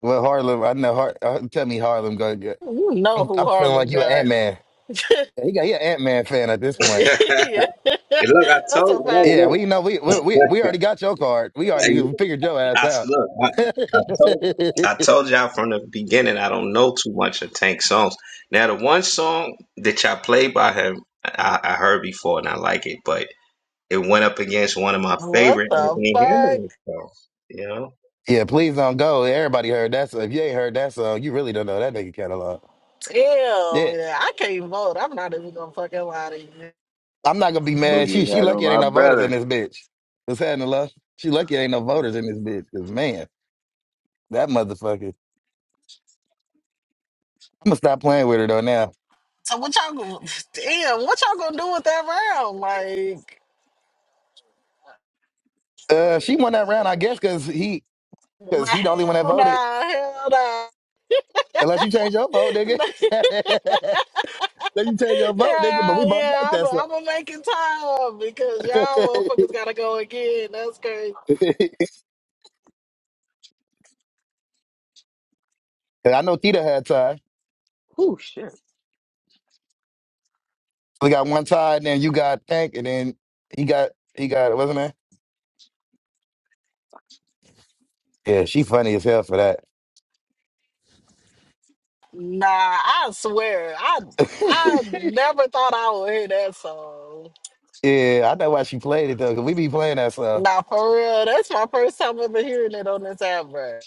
Speaker 3: Well, Harlem, I know. Har- uh, tell me, Harlem, go. go-
Speaker 4: You know
Speaker 3: I'm,
Speaker 4: who
Speaker 3: I'm feeling like
Speaker 4: Harlem
Speaker 3: you an Ant
Speaker 4: got.
Speaker 3: Man.
Speaker 4: <laughs>
Speaker 3: He got he an Ant Man fan at this
Speaker 2: <laughs>
Speaker 3: point.
Speaker 2: and
Speaker 4: yeah.
Speaker 2: look, I
Speaker 4: <laughs> That's
Speaker 2: told
Speaker 4: a fact.
Speaker 2: no,
Speaker 3: Yeah,
Speaker 2: look,
Speaker 3: we know we we we we already got your card. We already
Speaker 2: and
Speaker 3: figured your ass
Speaker 2: I
Speaker 3: out.
Speaker 2: look, I,
Speaker 3: <laughs>
Speaker 2: I told. I told y'all from the beginning I don't know too much of Tank songs. Now the one song that y'all played by him I, I heard before and I like it, but it went up against one of my
Speaker 4: What
Speaker 2: favorite
Speaker 4: the
Speaker 2: Anthony
Speaker 4: fuck?
Speaker 2: Hamilton songs. You know?
Speaker 3: yeah, please don't go. Everybody heard that song. If you ain't heard that song, you really don't know that nigga catalog.
Speaker 4: Damn,
Speaker 3: Yeah,
Speaker 4: yeah, I can't vote. I'm not even gonna fucking lie to you.
Speaker 3: I'm not gonna be mad.
Speaker 8: Boogie
Speaker 3: She
Speaker 8: was
Speaker 3: she
Speaker 8: had on
Speaker 3: lucky it ain't
Speaker 8: my
Speaker 3: no voters in
Speaker 8: brother.
Speaker 3: this bitch. What's happening, love? She lucky it ain't no
Speaker 8: That's
Speaker 3: voters in this
Speaker 8: it.
Speaker 3: bitch. Cause man, that motherfucker. I'm gonna stop playing with her though now.
Speaker 4: So what y'all gonna <laughs> damn, what y'all gonna do with that round? Like
Speaker 3: Uh, she won that round, I guess, because he
Speaker 4: Nah,
Speaker 3: Because he the only one that
Speaker 4: hell
Speaker 3: voted.
Speaker 4: nah, hell nah.
Speaker 3: Unless you change your vote, nigga.
Speaker 4: <laughs>
Speaker 3: <laughs> Unless you change your vote, nigga. But we
Speaker 4: yeah,
Speaker 3: both like
Speaker 4: yeah, I'm
Speaker 3: that
Speaker 4: gonna make it time because
Speaker 3: stuff.
Speaker 4: y'all motherfuckers gotta go again. That's crazy.
Speaker 3: <laughs> And I know Tita had tie. We got one tie, and then you got Tank, and then he got he got wasn't it? Yeah, she funny as hell for that.
Speaker 4: Nah, I swear, I I
Speaker 3: <laughs>
Speaker 4: never thought I would hear that song.
Speaker 3: yeah, I know why she played it though, cause we be playing that stuff.
Speaker 4: Nah, for real, that's my first time ever hearing it on this app, bro.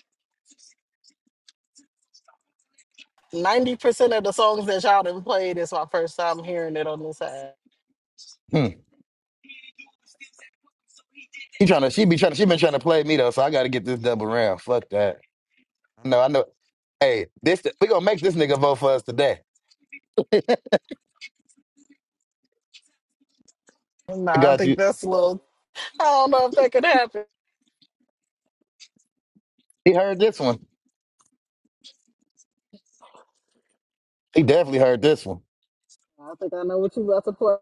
Speaker 4: Ninety percent of the songs that y'all done played is my first time hearing it on this app.
Speaker 3: Hmm. He trying to she be trying to. she been trying to play me though, so I got to get this double round. Fuck that. No, I know. Hey, this we gonna make this nigga vote for us today. I
Speaker 4: Nah, I
Speaker 3: got
Speaker 4: think
Speaker 3: you.
Speaker 4: that's a little. I don't know if that could happen.
Speaker 3: He heard this one. He definitely heard this one.
Speaker 4: Nah, I think I know what you about to play.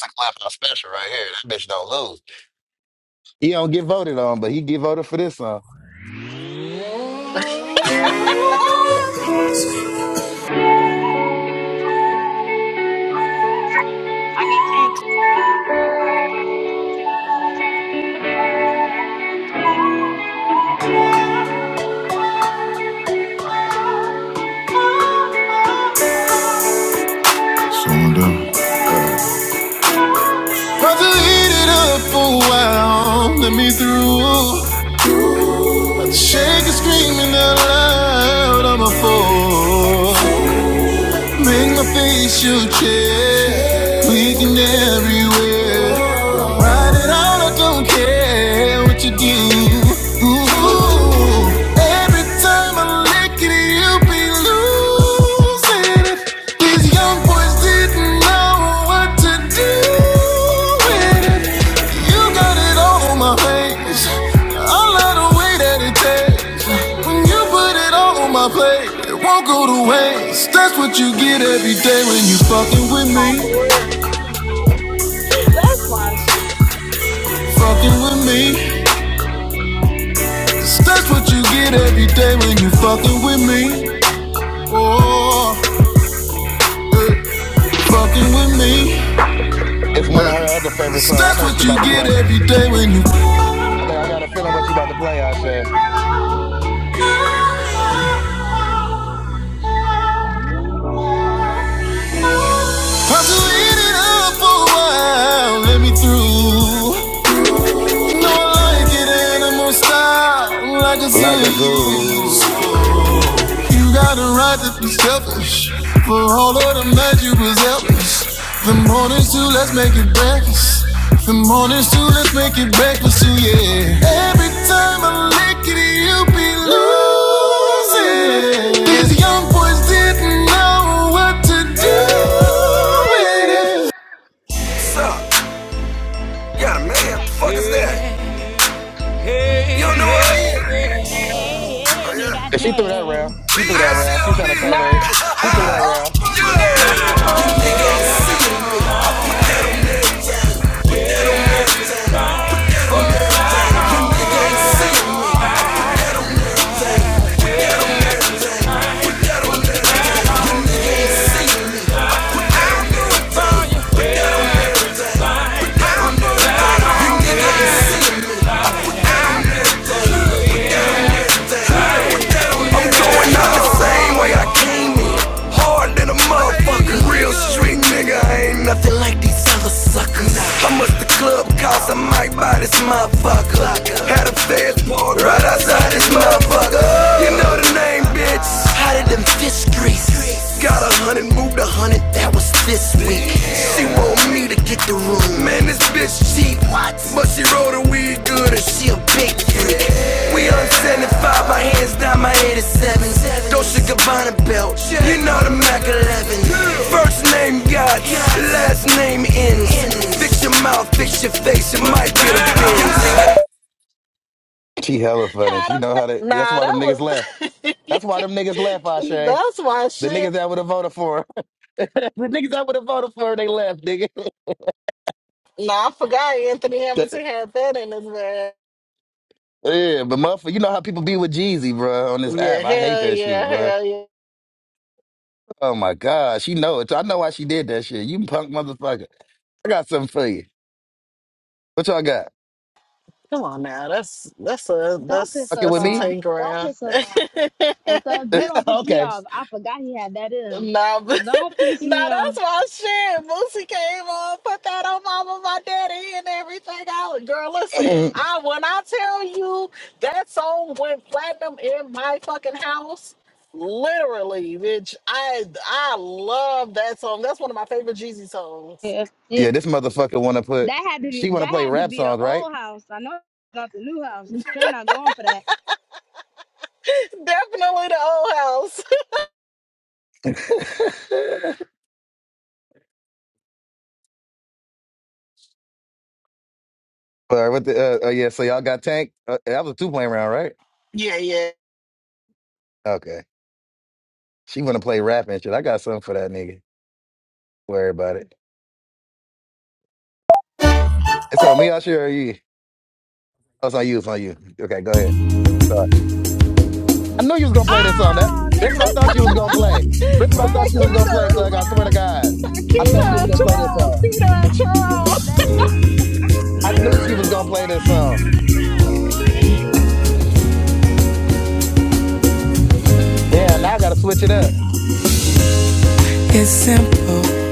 Speaker 3: That's a clap out special right here. That bitch don't lose. He don't get voted on, but he get voted for this song.
Speaker 6: I got Tank.
Speaker 5: Brother, eat it up for a while. Let me through. Shake and screaming out loud. I'm a fool. Bring my facial chair. We can everywhere. Ride it all, I don't care what you do.
Speaker 6: Treat me well. Thank
Speaker 5: Ooh,
Speaker 6: you.
Speaker 5: every time I lick it, you be losing it. These young boys didn't know what to do with it. You got it all on my face. I love the way that it tastes. When you put it all on my plate, it won't go to waste. That's what you get every day when you fucking with
Speaker 4: Nah,
Speaker 5: me.
Speaker 4: for real, <laughs> that's my shit.
Speaker 5: Fucking with me. That's what you get every day when you fucking with me. Oh, eh, fucking with me.
Speaker 3: It's one of her other favorite songs. I
Speaker 5: That's
Speaker 3: know she
Speaker 5: what you
Speaker 3: about to
Speaker 5: get
Speaker 3: play.
Speaker 5: every day when you.
Speaker 3: I think I got a feeling what you
Speaker 6: I
Speaker 3: about to play, Asha.
Speaker 6: know it's been a pain.
Speaker 5: I'm to eat it up for a while. Let me through. don't like it
Speaker 6: Tank,
Speaker 5: animal style, like a
Speaker 6: uh,
Speaker 5: zoo.
Speaker 3: Like a
Speaker 5: You
Speaker 3: zoo.
Speaker 5: got a right to be selfish. For all of them nights you was helpless. The mornings too, let's make it breakfast. The mornings too, let's make it breakfast too, yeah. Every time I lick it, you be losing. These young boys didn't know what to do with it.
Speaker 6: Yep. Thank Hey, hey, we got
Speaker 3: And she threw that
Speaker 6: Tank.
Speaker 3: round. She threw that round. She was trying to
Speaker 4: Nah,
Speaker 3: save her.
Speaker 4: <laughs>
Speaker 3: She threw that
Speaker 4: that
Speaker 3: round.
Speaker 5: big nigga, I ain't nothing like these other suckers. How much the club cost? I might buy this motherfucker. Had a fast board right outside this motherfucker. You know the name, bitch. Hotter than fish grease. Got a hundred, moved a hundred, that was this week. She want me to get the room. Man, this bitch cheap. But she roll the weed good and She a big freak. We on 75, my hands down, my 87s. Dolce and Gabbana belt, you know the Mac 11. First name God, last name ends. Fix your mouth, fix your face, it might get a bend.
Speaker 3: She hella funny.
Speaker 4: had
Speaker 3: She
Speaker 4: a.
Speaker 3: know
Speaker 4: fa-
Speaker 3: how to. That's
Speaker 4: Nah,
Speaker 3: why them niggas
Speaker 4: that
Speaker 3: left.
Speaker 4: was. <laughs>
Speaker 3: That's why them niggas left, Asha.
Speaker 4: that's my
Speaker 3: The
Speaker 4: shit.
Speaker 3: niggas that would have voted for her. <laughs> the niggas that would have voted for her, they left, nigga. <laughs>
Speaker 4: No, I forgot Anthony
Speaker 3: yeah,
Speaker 4: Hamilton had that in his bag.
Speaker 3: but motherfucker, you know how people be with Jeezy, bro. on this
Speaker 4: Yeah,
Speaker 3: app. I hate
Speaker 4: hell
Speaker 3: that shit,
Speaker 4: yeah,
Speaker 3: bro.
Speaker 4: hell yeah.
Speaker 3: Oh my God, she know it. I know why she did that shit. You punk motherfucker. I got something for you. What y'all got?
Speaker 4: Come on now, that's that's a
Speaker 6: Don't
Speaker 4: that's
Speaker 6: piss
Speaker 3: Fucking
Speaker 6: us
Speaker 4: that's
Speaker 3: with
Speaker 4: a
Speaker 6: off.
Speaker 3: me?
Speaker 4: tank
Speaker 6: Don't
Speaker 4: round.
Speaker 6: piss
Speaker 4: <laughs>
Speaker 6: us
Speaker 4: nah,
Speaker 6: off.
Speaker 4: but, <laughs>
Speaker 6: And so you don't
Speaker 3: <laughs>
Speaker 6: piss me
Speaker 3: okay.
Speaker 6: off. I forgot he had that in.
Speaker 4: nah, that's
Speaker 6: Don't piss me off.
Speaker 4: my shit. Boosie came on, put that on mama, my daddy, and everything out. Girl,
Speaker 3: <clears throat>
Speaker 4: listen,
Speaker 3: yeah,
Speaker 4: I when I tell you that song went platinum in my fucking house. Literally, bitch. I I love that song. That's one of my favorite Jeezy songs.
Speaker 6: Yeah, yeah.
Speaker 3: this motherfucker want to put.
Speaker 6: That had to be
Speaker 3: She want to
Speaker 6: that
Speaker 3: play
Speaker 6: had to
Speaker 3: rap
Speaker 6: be the
Speaker 3: songs, right?
Speaker 6: old house. I know it's not the new house. Trey not going for that.
Speaker 4: Definitely the old house. <laughs>
Speaker 3: <laughs> All right. What the? Uh, uh, yeah. So y'all got Tank. Uh, that was a two point round, right?
Speaker 4: Yeah, yeah.
Speaker 3: Okay. She want to play rap and shit. I got something for that nigga. Worry about it. It's on me. I sure or you. Oh, it's on you. It's on you. Okay. Go ahead. I knew you was gonna play this song. That
Speaker 6: Oh,
Speaker 3: that's
Speaker 6: next
Speaker 3: what
Speaker 6: she
Speaker 3: I thought
Speaker 6: should
Speaker 3: you
Speaker 6: have
Speaker 3: was gonna
Speaker 6: played it.
Speaker 3: play. That's what I
Speaker 4: Look
Speaker 3: thought
Speaker 4: at
Speaker 6: Next
Speaker 3: she was gonna play,
Speaker 6: round,
Speaker 3: Thug.
Speaker 4: Keto.
Speaker 3: I swear to
Speaker 6: boy.
Speaker 3: God. I thought she
Speaker 6: I
Speaker 4: Keto <laughs>
Speaker 3: was
Speaker 6: ain't
Speaker 4: and
Speaker 3: gonna
Speaker 6: gonna
Speaker 3: play this
Speaker 6: lie.
Speaker 4: Troll.
Speaker 3: song.
Speaker 4: Keto and Troll.
Speaker 6: Next,
Speaker 3: I
Speaker 6: next
Speaker 3: knew she was gonna
Speaker 6: round,
Speaker 3: play
Speaker 6: boy.
Speaker 3: this
Speaker 6: It's
Speaker 3: song. Yeah, now I gotta switch it up.
Speaker 5: It's simple,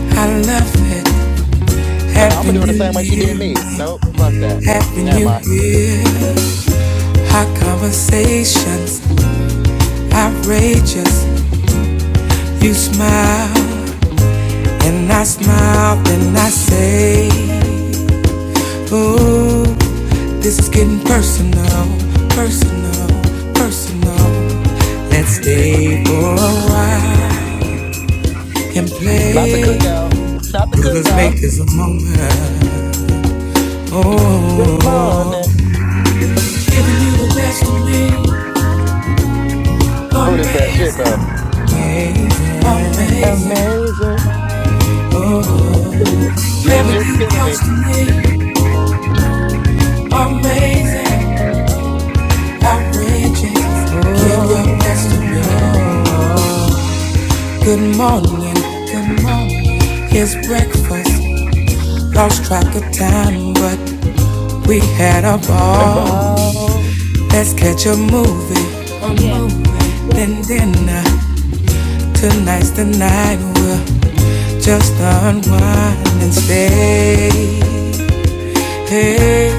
Speaker 5: I love it.
Speaker 3: Uh, I'm gonna
Speaker 5: Having
Speaker 3: do it the
Speaker 5: you
Speaker 3: same way she did
Speaker 5: near
Speaker 3: me.
Speaker 5: me,
Speaker 3: Nope, fuck that.
Speaker 5: having
Speaker 3: Never
Speaker 5: you
Speaker 3: mind.
Speaker 5: here. Hot conversations, outrageous. You smile, and I smile, then I say. Ooh, this is getting personal, personal, personal. Let's stay for a while and
Speaker 3: Not the
Speaker 5: play.
Speaker 3: cookout. Not the
Speaker 5: Well, let's
Speaker 3: cookout.
Speaker 5: make this a moment.
Speaker 3: Good
Speaker 5: Oh,
Speaker 3: morning.
Speaker 5: giving you the best of me.
Speaker 3: Oh, this that shit though.
Speaker 5: Amazing, amazing, amazing.
Speaker 3: Amazing. <laughs> Yo,
Speaker 5: Having
Speaker 3: Jiff
Speaker 5: you
Speaker 3: killing
Speaker 5: close
Speaker 3: me.
Speaker 5: to me. Amazing, outrageous. Give your best to me. Good
Speaker 6: my
Speaker 5: morning, good morning. Here's breakfast. Lost track of
Speaker 6: turn,
Speaker 5: time, but we had a ball.
Speaker 3: About
Speaker 5: Let's catch a movie,
Speaker 6: boy. Oh
Speaker 5: a
Speaker 6: yeah, that's
Speaker 5: movie,
Speaker 6: it.
Speaker 5: then dinner. Tonight's the night we'll just unwind and stay. Hey,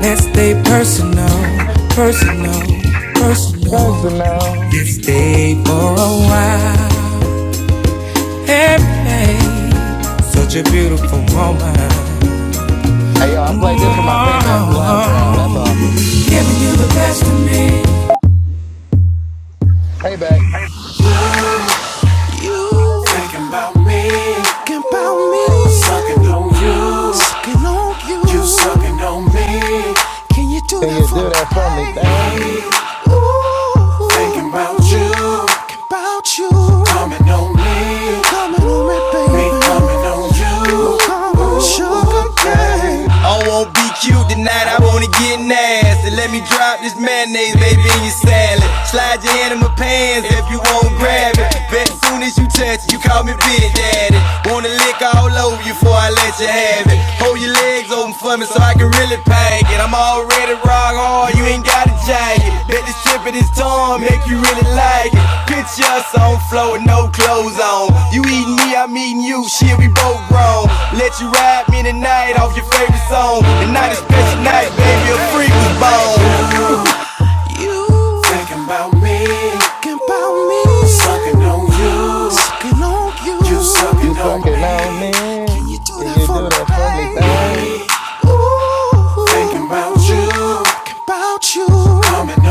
Speaker 5: let's stay personal,
Speaker 6: First
Speaker 5: personal, personal.
Speaker 3: personal.
Speaker 5: Let's stay for
Speaker 6: round.
Speaker 5: a while. Hey, hey, such a beautiful moment.
Speaker 3: Hey yo, I played this for my payback from last round. That's all. Payback.
Speaker 6: Oh, crazy. That's a crazy play.
Speaker 3: Can you do that for me, babe?
Speaker 5: Thinking about me. I won't be cute tonight, I wanna get nasty. Let me drop this mayonnaise, baby, in your salad. Slide your hand in my pants if you won't grab it. Bet soon as you touch it, you call me Big Daddy. Wanna lick all over you before I let you have it. Hold your legs open for me so I can really pack it. I'm already rock hard, you ain't got a jacket. Bet this trip of this tongue make you really like it. Picture us on floor with no clothes on. You eat me, I'm eating you, shit, we both grown. Let you ride me tonight off your favorite song. And Tonight is special night, baby, a freak was born. I'm
Speaker 3: You sucking on me. Can you do that for me, babe?
Speaker 5: Thinking about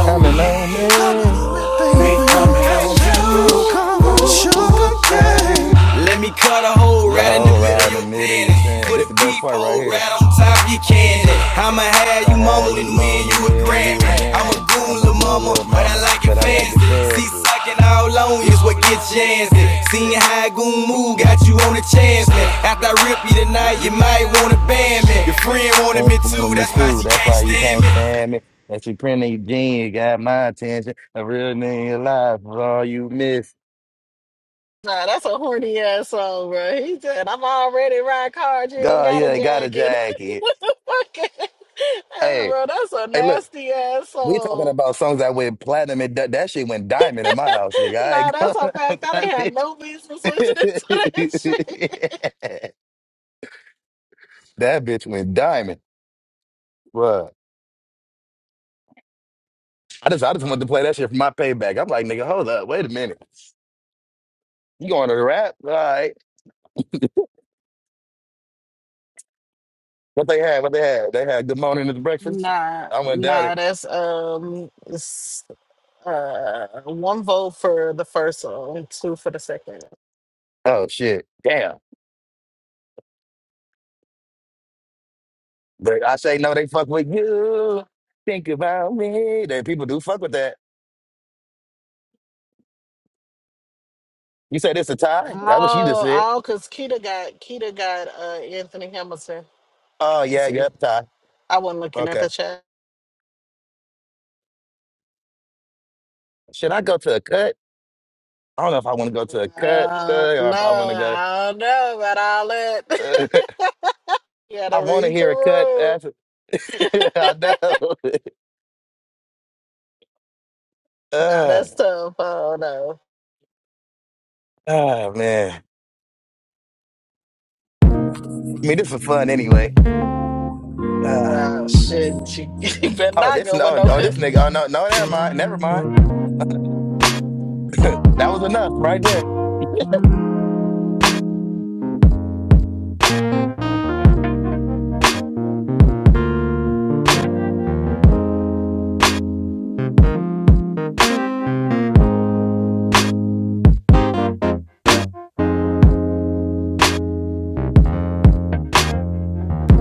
Speaker 3: I'm in on me.
Speaker 5: you. Let me cut a hole
Speaker 3: The
Speaker 5: right in the
Speaker 3: whole
Speaker 5: middle
Speaker 3: ride
Speaker 5: of
Speaker 3: in the
Speaker 5: your
Speaker 3: middle of your
Speaker 5: panties.
Speaker 3: band.
Speaker 5: Put
Speaker 3: This
Speaker 5: a
Speaker 3: is the best part right
Speaker 5: peephole
Speaker 3: here.
Speaker 5: right on top of your candy. I'ma have you
Speaker 3: Like how you
Speaker 5: moaning, win you
Speaker 3: moaning
Speaker 5: a
Speaker 3: when you
Speaker 5: Grammy.
Speaker 3: a
Speaker 5: I'm a
Speaker 3: granny. I'm
Speaker 5: goon,
Speaker 3: a
Speaker 5: lil'
Speaker 3: goon
Speaker 5: mama,
Speaker 3: little
Speaker 5: but I
Speaker 3: mama,
Speaker 5: like it
Speaker 3: but I like
Speaker 5: fancy.
Speaker 3: it
Speaker 5: See,
Speaker 3: fancy.
Speaker 5: sucking all on is what gets chancy. Seeing how a goon move, got you on the chance. man. After I rip you tonight, you might wanna ban me. Your friend wanted
Speaker 3: Fans
Speaker 5: me too,
Speaker 3: wanted me
Speaker 5: that's why
Speaker 3: too.
Speaker 5: she
Speaker 3: That's
Speaker 5: can't
Speaker 3: why you
Speaker 5: stand
Speaker 3: can't
Speaker 5: me.
Speaker 3: stand me. That you printing your jeans got my attention. A real nigga in your life was all you miss.
Speaker 4: Nah, that's a horny ass song, bro. He said, I'm already riding cars. You ain't
Speaker 3: God,
Speaker 4: got a
Speaker 3: yeah, got a
Speaker 4: jacket.
Speaker 3: jacket.
Speaker 4: <laughs> Okay. Hey,
Speaker 3: Hey,
Speaker 4: bro, that's a
Speaker 3: hey, look.
Speaker 4: nasty ass
Speaker 3: We talking
Speaker 4: song.
Speaker 3: about songs that went platinum. And that, that shit went diamond in my house, nigga. I
Speaker 4: Nah,
Speaker 3: ain't
Speaker 4: that's
Speaker 3: going
Speaker 4: a fact.
Speaker 3: <laughs>
Speaker 4: I done
Speaker 3: that
Speaker 4: had
Speaker 3: bitch.
Speaker 4: no business
Speaker 3: <laughs>
Speaker 4: listening <laughs> to
Speaker 3: that
Speaker 4: that shit.
Speaker 3: bitch went diamond. Bruh. I just I just wanted to play that shit for my payback. I'm like, nigga, hold up, wait a minute. You going to the rap? All right. What they had? What they had? They had good morning at the breakfast.
Speaker 4: Nah,
Speaker 3: I went down it.
Speaker 4: nah, that's um, it's, uh, one vote for the first song, two for the second.
Speaker 3: Oh shit. Damn. But I say no, they fuck with you. Think about me. Then people do fuck with that. You said it's a tie? That's what she just
Speaker 4: Oh,
Speaker 3: said.
Speaker 4: oh, because Keita got Keita got uh Anthony Hamilton.
Speaker 3: Oh
Speaker 4: I
Speaker 3: yeah,
Speaker 4: see.
Speaker 3: yep, tie.
Speaker 4: I wasn't looking
Speaker 3: Okay.
Speaker 4: at the chat.
Speaker 3: Should I go to a cut? I don't know if I want to go to a cut
Speaker 4: Uh,
Speaker 3: thug or if I want
Speaker 4: no,
Speaker 3: to go.
Speaker 4: I don't know about all that. <laughs> you
Speaker 3: <laughs> I
Speaker 4: gotta
Speaker 3: want to
Speaker 4: read
Speaker 3: hear a cut.
Speaker 4: the
Speaker 3: After. <laughs>
Speaker 4: room.
Speaker 3: I
Speaker 4: <laughs>
Speaker 3: know. <laughs>
Speaker 4: Nah,
Speaker 3: uh,
Speaker 4: that's tough. Oh no.
Speaker 3: oh man. I mean, this was fun anyway. Uh,
Speaker 4: Wow, shit. She, <laughs> you better
Speaker 3: oh,
Speaker 4: not
Speaker 3: this
Speaker 4: go with
Speaker 3: no.
Speaker 4: no
Speaker 3: Oh, this
Speaker 4: cut.
Speaker 3: nigga. Oh no, no. Never mind. Never mind. That was enough right there.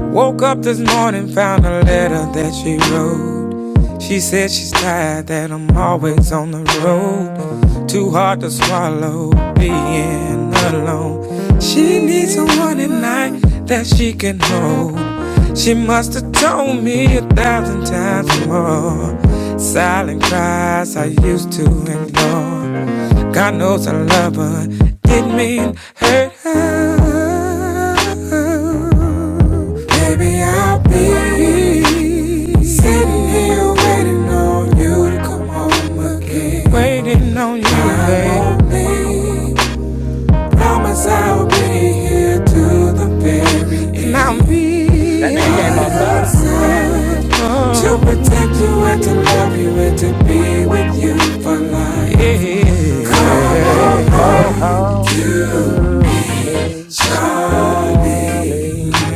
Speaker 5: Woke up this morning, found a letter that she wrote. She said she's tired that I'm always on the road. Too hard to swallow being alone. She needs someone at night that she can hold. She must have told me a thousand times more. Silent cries I used to ignore. God knows I love her. Didn't mean hurt her. Baby, I'll be. Here waiting on you to come home again. Waiting on you, babe. I'm only promise I'll be here till the very And end. i will
Speaker 3: That
Speaker 5: be
Speaker 3: nigga came
Speaker 5: I'm
Speaker 3: outside.
Speaker 5: sent to protect you and to love you and to be with you for life. yeah. Come on,
Speaker 3: Come on home to me,
Speaker 5: Charlie.
Speaker 3: darling.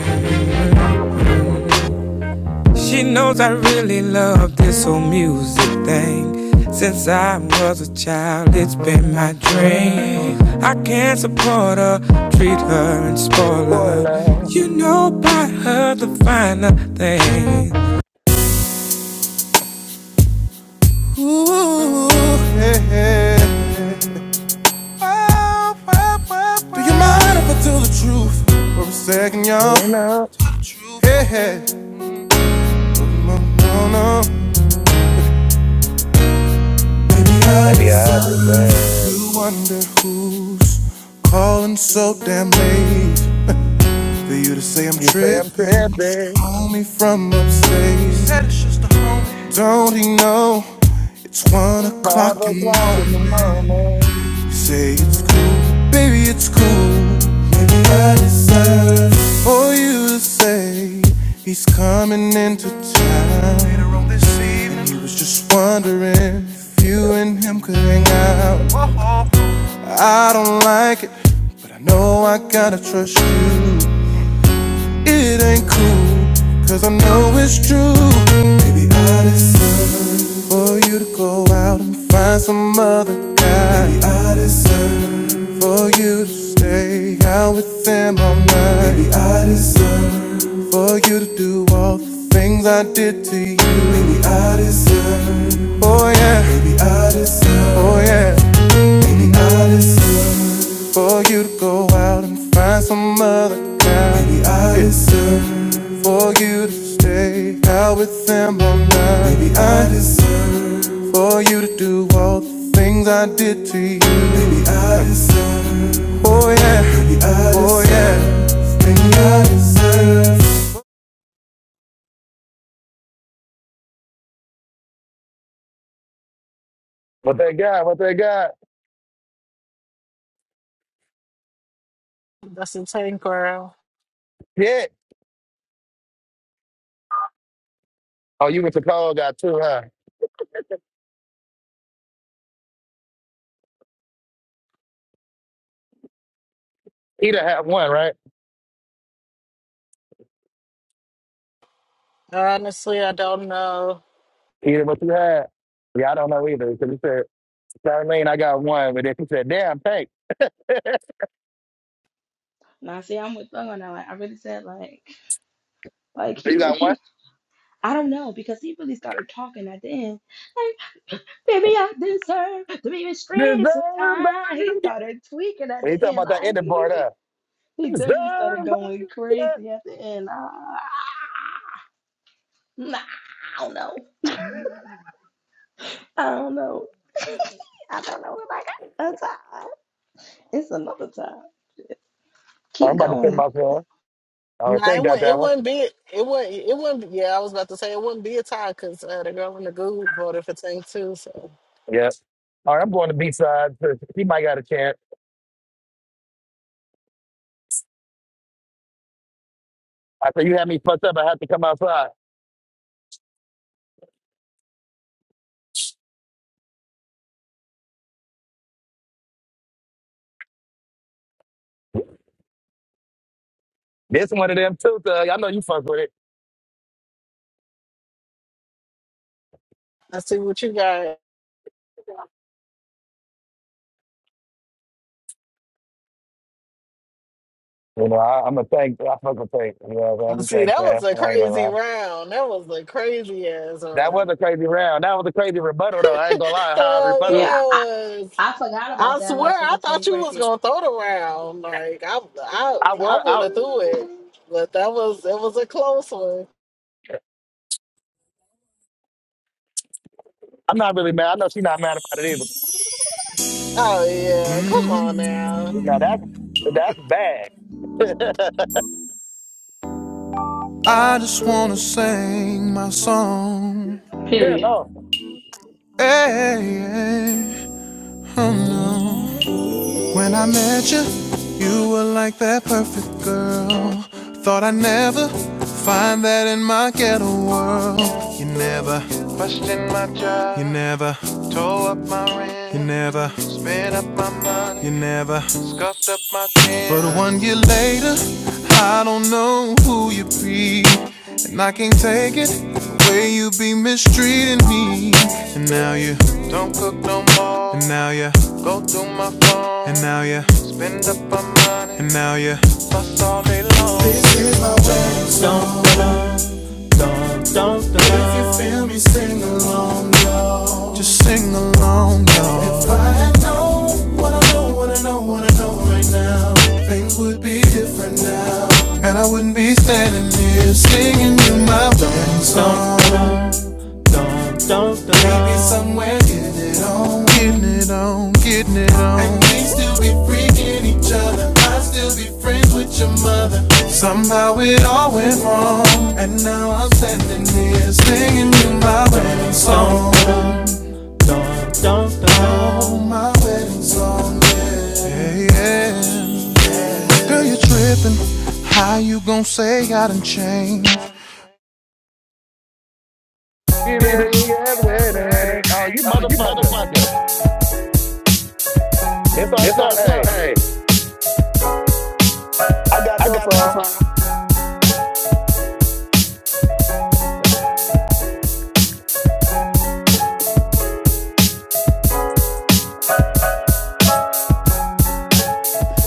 Speaker 5: She knows I really love this whole music thing. Since I was a child, it's been my dream. I can't support her, treat her and spoil
Speaker 3: For
Speaker 5: her.
Speaker 3: love,
Speaker 5: You know, buy her the finer things. Ooh, yeah, yeah. Do you mind if I tell the truth for a second, y'all?
Speaker 3: you know.
Speaker 5: Yeah, yeah. no, no, no. Maybe I
Speaker 3: Maybe I
Speaker 5: deserve
Speaker 3: deserve.
Speaker 5: You wonder who's calling so damn late For you to say I'm
Speaker 3: You say I'm
Speaker 5: tripping
Speaker 3: tripping.
Speaker 5: Call me from upstate Don't he know It's one
Speaker 3: Five
Speaker 5: o'clock in the
Speaker 3: o'clock in the
Speaker 5: morning
Speaker 3: morning.
Speaker 5: Say it's cool, baby it's cool Maybe I deserve For you to say He's coming into town Later on this evening he was just wondering If you and him could hang out I don't like it, but I know I gotta trust you. It ain't cool, cause I know it's true. Baby, I deserve for you to go out and find some other guy. Maybe I deserve for you to stay out with them all night. Baby, I deserve for you to do all the things I did to you. Baby, I deserve, oh yeah. Baby, I deserve, oh yeah. Any night is summer for you to go out and find some other guy. Maybe I deserve for you to stay out with them all night. Maybe I deserve for you to do all the things I did to you. Maybe I deserve. Oh yeah. Any night oh yeah. Maybe I deserve.
Speaker 3: What they got? What they got?
Speaker 4: That's a tank girl.
Speaker 3: Yeah. Oh, you went to Cole got two, huh? Either had one, right?
Speaker 4: Honestly, I don't know.
Speaker 3: Either what you had. Yeah, I don't know either. Because he said, Charlene, I got one. But then he said, damn, thanks.
Speaker 6: Now see, I'm with Thug on that. Like I really said, like, like
Speaker 3: So You
Speaker 6: he,
Speaker 3: got one?
Speaker 6: he- I don't know because he really started talking at the end. Like, baby, I deserve to be mistreated
Speaker 3: Deserve by
Speaker 6: sometimes. He
Speaker 3: you get.
Speaker 6: started tweaking at the
Speaker 3: He talking
Speaker 6: end.
Speaker 3: about that
Speaker 6: Like
Speaker 3: ending
Speaker 6: he,
Speaker 3: part, huh?
Speaker 6: he
Speaker 3: Deserve
Speaker 6: definitely started
Speaker 3: by
Speaker 6: going
Speaker 3: you get.
Speaker 6: crazy at the end. Ah. ah, ah. Nah, I don't know. <laughs> I don't know. <laughs> I don't know if I got a time. It's another time.
Speaker 3: Oh, I'm
Speaker 6: Keep
Speaker 3: about to fit
Speaker 6: going.
Speaker 3: my phone. All right,
Speaker 4: Nah, it
Speaker 3: thank God
Speaker 4: wouldn't. It
Speaker 3: that one.
Speaker 4: wouldn't be. It wouldn't. It wouldn't. be- Yeah, I was about to say it wouldn't be a tie because uh, the girl in the group voted for Tank too. So.
Speaker 3: Yes. All right, I'm going to B side. He might got a chance. I said, you had me fucked up. I have to come outside. This one of them too, thug. I know you fuck with it.
Speaker 4: I see what you got.
Speaker 3: You know, I, I'm a thank, I fucking thank, you know, what I'm saying? I'm a
Speaker 4: See,
Speaker 3: thanks,
Speaker 4: that
Speaker 3: man.
Speaker 4: was a
Speaker 3: I ain't gonna
Speaker 4: crazy
Speaker 3: lie.
Speaker 4: round. That was a crazy ass
Speaker 3: That was
Speaker 4: round.
Speaker 3: a crazy round. That was a crazy rebuttal, though. I ain't gonna lie. How I
Speaker 4: Hell
Speaker 3: rebuttal,
Speaker 6: Yeah,
Speaker 4: yeah, it
Speaker 6: I,
Speaker 4: was.
Speaker 6: I forgot
Speaker 4: I
Speaker 6: about that
Speaker 4: swear, I
Speaker 6: motherfucking
Speaker 4: thought
Speaker 6: tank
Speaker 4: you was
Speaker 6: record.
Speaker 4: gonna throw the round. Like I, I,
Speaker 3: I
Speaker 4: I
Speaker 3: was,
Speaker 4: would
Speaker 3: I,
Speaker 4: have threw it, but that was it was a close one.
Speaker 3: I'm not really mad. I know she's not mad about it either.
Speaker 4: Oh yeah, come on now.
Speaker 3: Now that's that's bad. <laughs>
Speaker 5: I just wanna sing my song.
Speaker 3: Then oh,
Speaker 5: Hey, hey, oh no. When I met you, you were like that perfect girl. Thought I'd never find that in my ghetto world. You never, you never tore up my rent. You never spent up my money. You never scuffed up my chin. But one year later, I don't know who you be, and I can't take it the way you be mistreating me. And now you, and now you, and now you, and now you. This is Don't, don't, don't, don't. If you feel me, sing along, yo. Just sing along, yo. If I had known what I know, what I know, what I know right now, things would be different now. And I wouldn't be standing here singing in my song. Don't, don't, don't, don't. don't. Maybe somewhere in it all. Getting it on, getting it on. And we still be freaking each other. I still be friends with your mother. Somehow it all went wrong. And now I'm standing here Singing you my wedding song. Don't Dun, dun, Oh, dun. my wedding song, yeah. Hey, yeah. yeah. Girl, you tripping. How you gon' say I done changed?
Speaker 3: you
Speaker 5: Baby,
Speaker 3: that you ass
Speaker 5: ass
Speaker 3: with it,
Speaker 5: wedding.
Speaker 3: right? Oh, you
Speaker 5: Uh, you
Speaker 3: motherfucker.
Speaker 5: motherfucker.
Speaker 3: This our
Speaker 5: It's our
Speaker 3: song.
Speaker 5: time.
Speaker 3: Hey,
Speaker 5: Hey,
Speaker 3: I got
Speaker 5: I
Speaker 3: your
Speaker 5: got my
Speaker 3: song.
Speaker 5: time.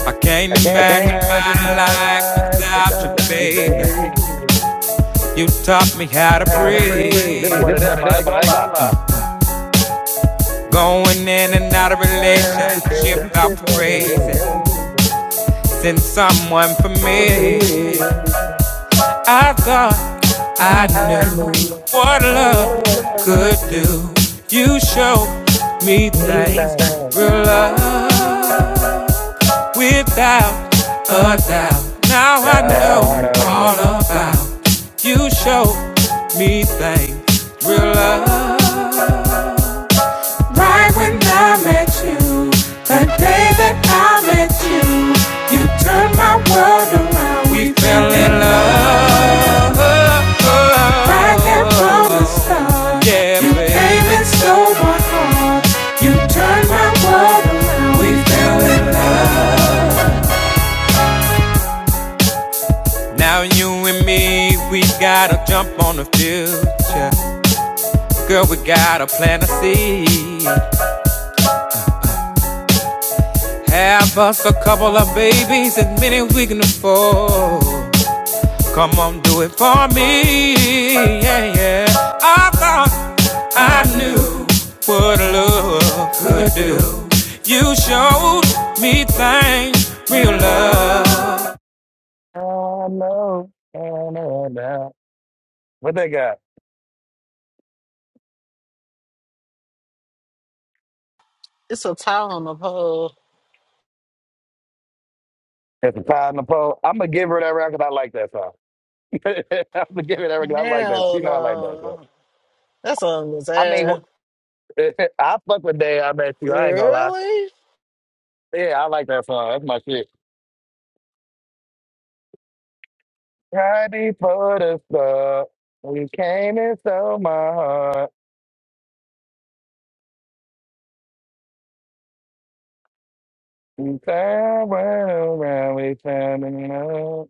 Speaker 5: I can't
Speaker 3: I can't
Speaker 5: imagine
Speaker 3: imagine
Speaker 5: my
Speaker 3: my
Speaker 5: life
Speaker 3: life
Speaker 5: without you,
Speaker 3: without you,
Speaker 5: baby.
Speaker 3: baby.
Speaker 5: You taught me how
Speaker 3: Know
Speaker 5: to
Speaker 3: How to
Speaker 5: breathe.
Speaker 3: breathe. It's
Speaker 5: Hey,
Speaker 3: one of
Speaker 5: this one
Speaker 3: them.
Speaker 5: of
Speaker 3: I ain't
Speaker 5: them, I ain't
Speaker 3: gonna lie.
Speaker 5: gonna lie. Going in and out of relationship,
Speaker 3: Nation,
Speaker 5: I was
Speaker 3: sitting
Speaker 5: crazy.
Speaker 3: on
Speaker 5: Send someone for
Speaker 3: for
Speaker 5: me.
Speaker 3: me,
Speaker 5: I thought I
Speaker 3: I
Speaker 5: knew
Speaker 3: knew
Speaker 5: what
Speaker 3: that
Speaker 5: love
Speaker 3: love
Speaker 5: could do. You showed me
Speaker 3: me
Speaker 5: things
Speaker 3: down.
Speaker 5: real love. without a doubt. Now I
Speaker 3: Now I
Speaker 5: know
Speaker 3: know,
Speaker 5: all about you. Show me things, real love. Right when I met you, the day that I met you, you turned my world around. We fell in love. Right there from the start, yeah, you baby. came and stole my heart. You turned my world around. We fell in love. Now you and me, we gotta jump on the future. Girl, we gotta plant a seed. Have us a couple of babies, as many we can afford. Come on, do it for me. Yeah, yeah. I thought I knew what love could do. You showed me things real love.
Speaker 3: I know, I know, now. What they got?
Speaker 4: It's a tie on the pole.
Speaker 3: It's a pie in the pole. I'm gonna give her that record. I like that song. <laughs> I'm gonna give her that record. I like that.
Speaker 4: Hell
Speaker 3: She know I like that song.
Speaker 4: no, that song was
Speaker 3: I mean,
Speaker 4: ass.
Speaker 3: <laughs> I fuck with Day. I bet you. I ain't gonna lie.
Speaker 4: Really?
Speaker 3: Yeah, I like that song. That's my shit. Right before the start, we came and stole my heart. We found round, we found another.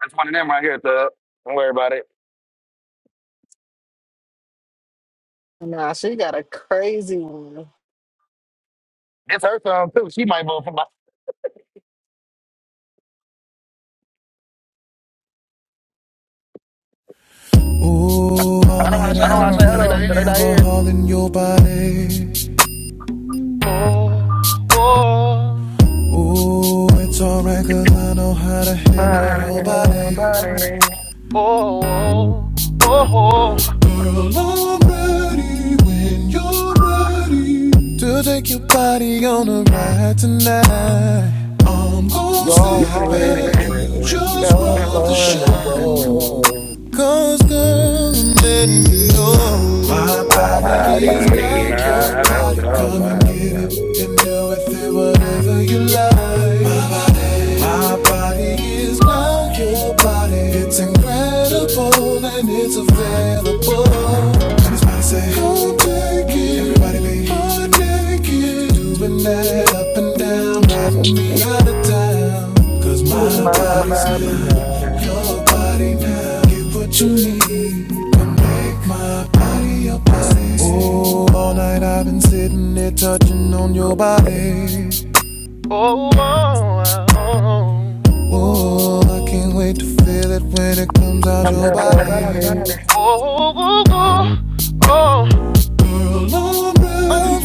Speaker 3: That's one of them right here, Thug. Don't worry about it.
Speaker 4: Nah, she got a crazy one.
Speaker 3: It's her song too. She might move from. my. I don't want to say hello because they not here.
Speaker 5: alcohol in your body. Ooh, it's alright 'cause I know how to
Speaker 3: I handle
Speaker 5: Well,
Speaker 3: your body.
Speaker 5: I'm ready when you're ready to take your body on a ride tonight. I'm gonna sit
Speaker 3: Your
Speaker 5: back
Speaker 3: future.
Speaker 5: just
Speaker 3: Don't
Speaker 5: ride the
Speaker 3: on the
Speaker 5: show.
Speaker 3: show.
Speaker 5: Cause girl, i you know My
Speaker 3: My
Speaker 5: body
Speaker 3: body
Speaker 5: is body not
Speaker 3: is
Speaker 5: your
Speaker 3: not
Speaker 5: body
Speaker 3: your body.
Speaker 5: Come and body. get
Speaker 3: darling.
Speaker 5: it and do with it whatever you like My body, my body is not your body It's incredible and it's available She's my say Come take it Everybody be I take it Doing that up and down Riding me out of town. 'Cause
Speaker 3: It's
Speaker 5: my
Speaker 3: my
Speaker 5: body's
Speaker 3: body now.
Speaker 5: your body now. Get what you need. And make my body your body. Oh, all night I've been sitting there touching on your body. Oh, I can't wait to feel it when it comes out
Speaker 3: Comes
Speaker 5: your
Speaker 3: out your
Speaker 5: body.
Speaker 3: body.
Speaker 5: Well, I'm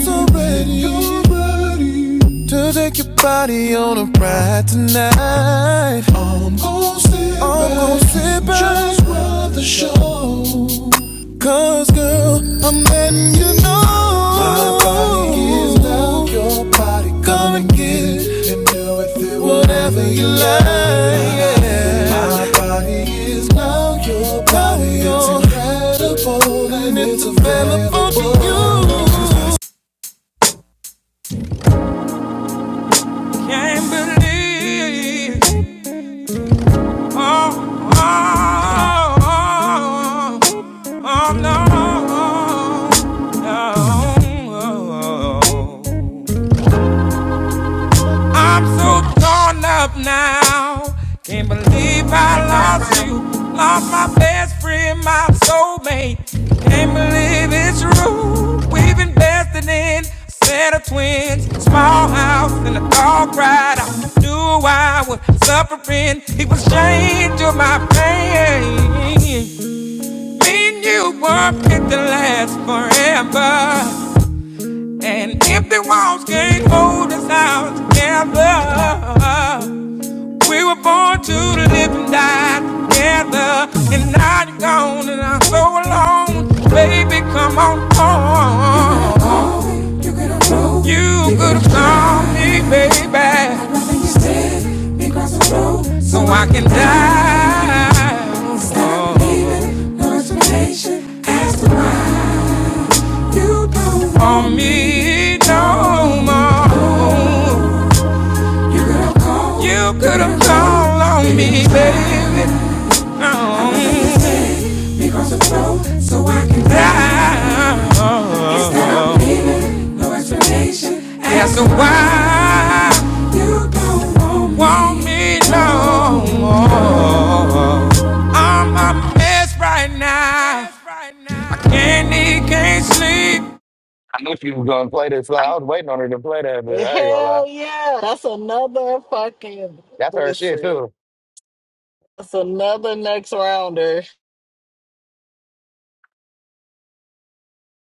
Speaker 5: so ready. You're ready to take your body on a ride tonight. I'm going sit back, just ride the show. Cause girl, I'm letting you know my body is now yours. Can't believe it. oh, oh, oh, oh, oh no, no. no. I'm so torn up now. Can't believe I
Speaker 6: Next round.
Speaker 5: lost you. Lost my best friend, my soulmate. Can't believe it's true. We've invested in a set of twins, a small house, and a dog cried out. Knew I was suffering. He was chained to my pain. Me and you were meant to last forever. And empty walls can't hold us out together. We were born to live and die together. And now you're gone and I'm so alone. Baby, come on home. You could have called me, baby, so I can die. Stop it. you don't want me no more. You could have called on me, baby. No. So I can die. Is explanation? As to why you don't want me no more. I'm a mess right now. I can't eat, can't sleep.
Speaker 3: I knew she was gonna play this. Like, I was waiting on her to play that, but I ain't gonna lie.
Speaker 4: Hell yeah. That's another fucking
Speaker 3: That's her shit
Speaker 4: listen.
Speaker 3: too.
Speaker 4: That's another next rounder.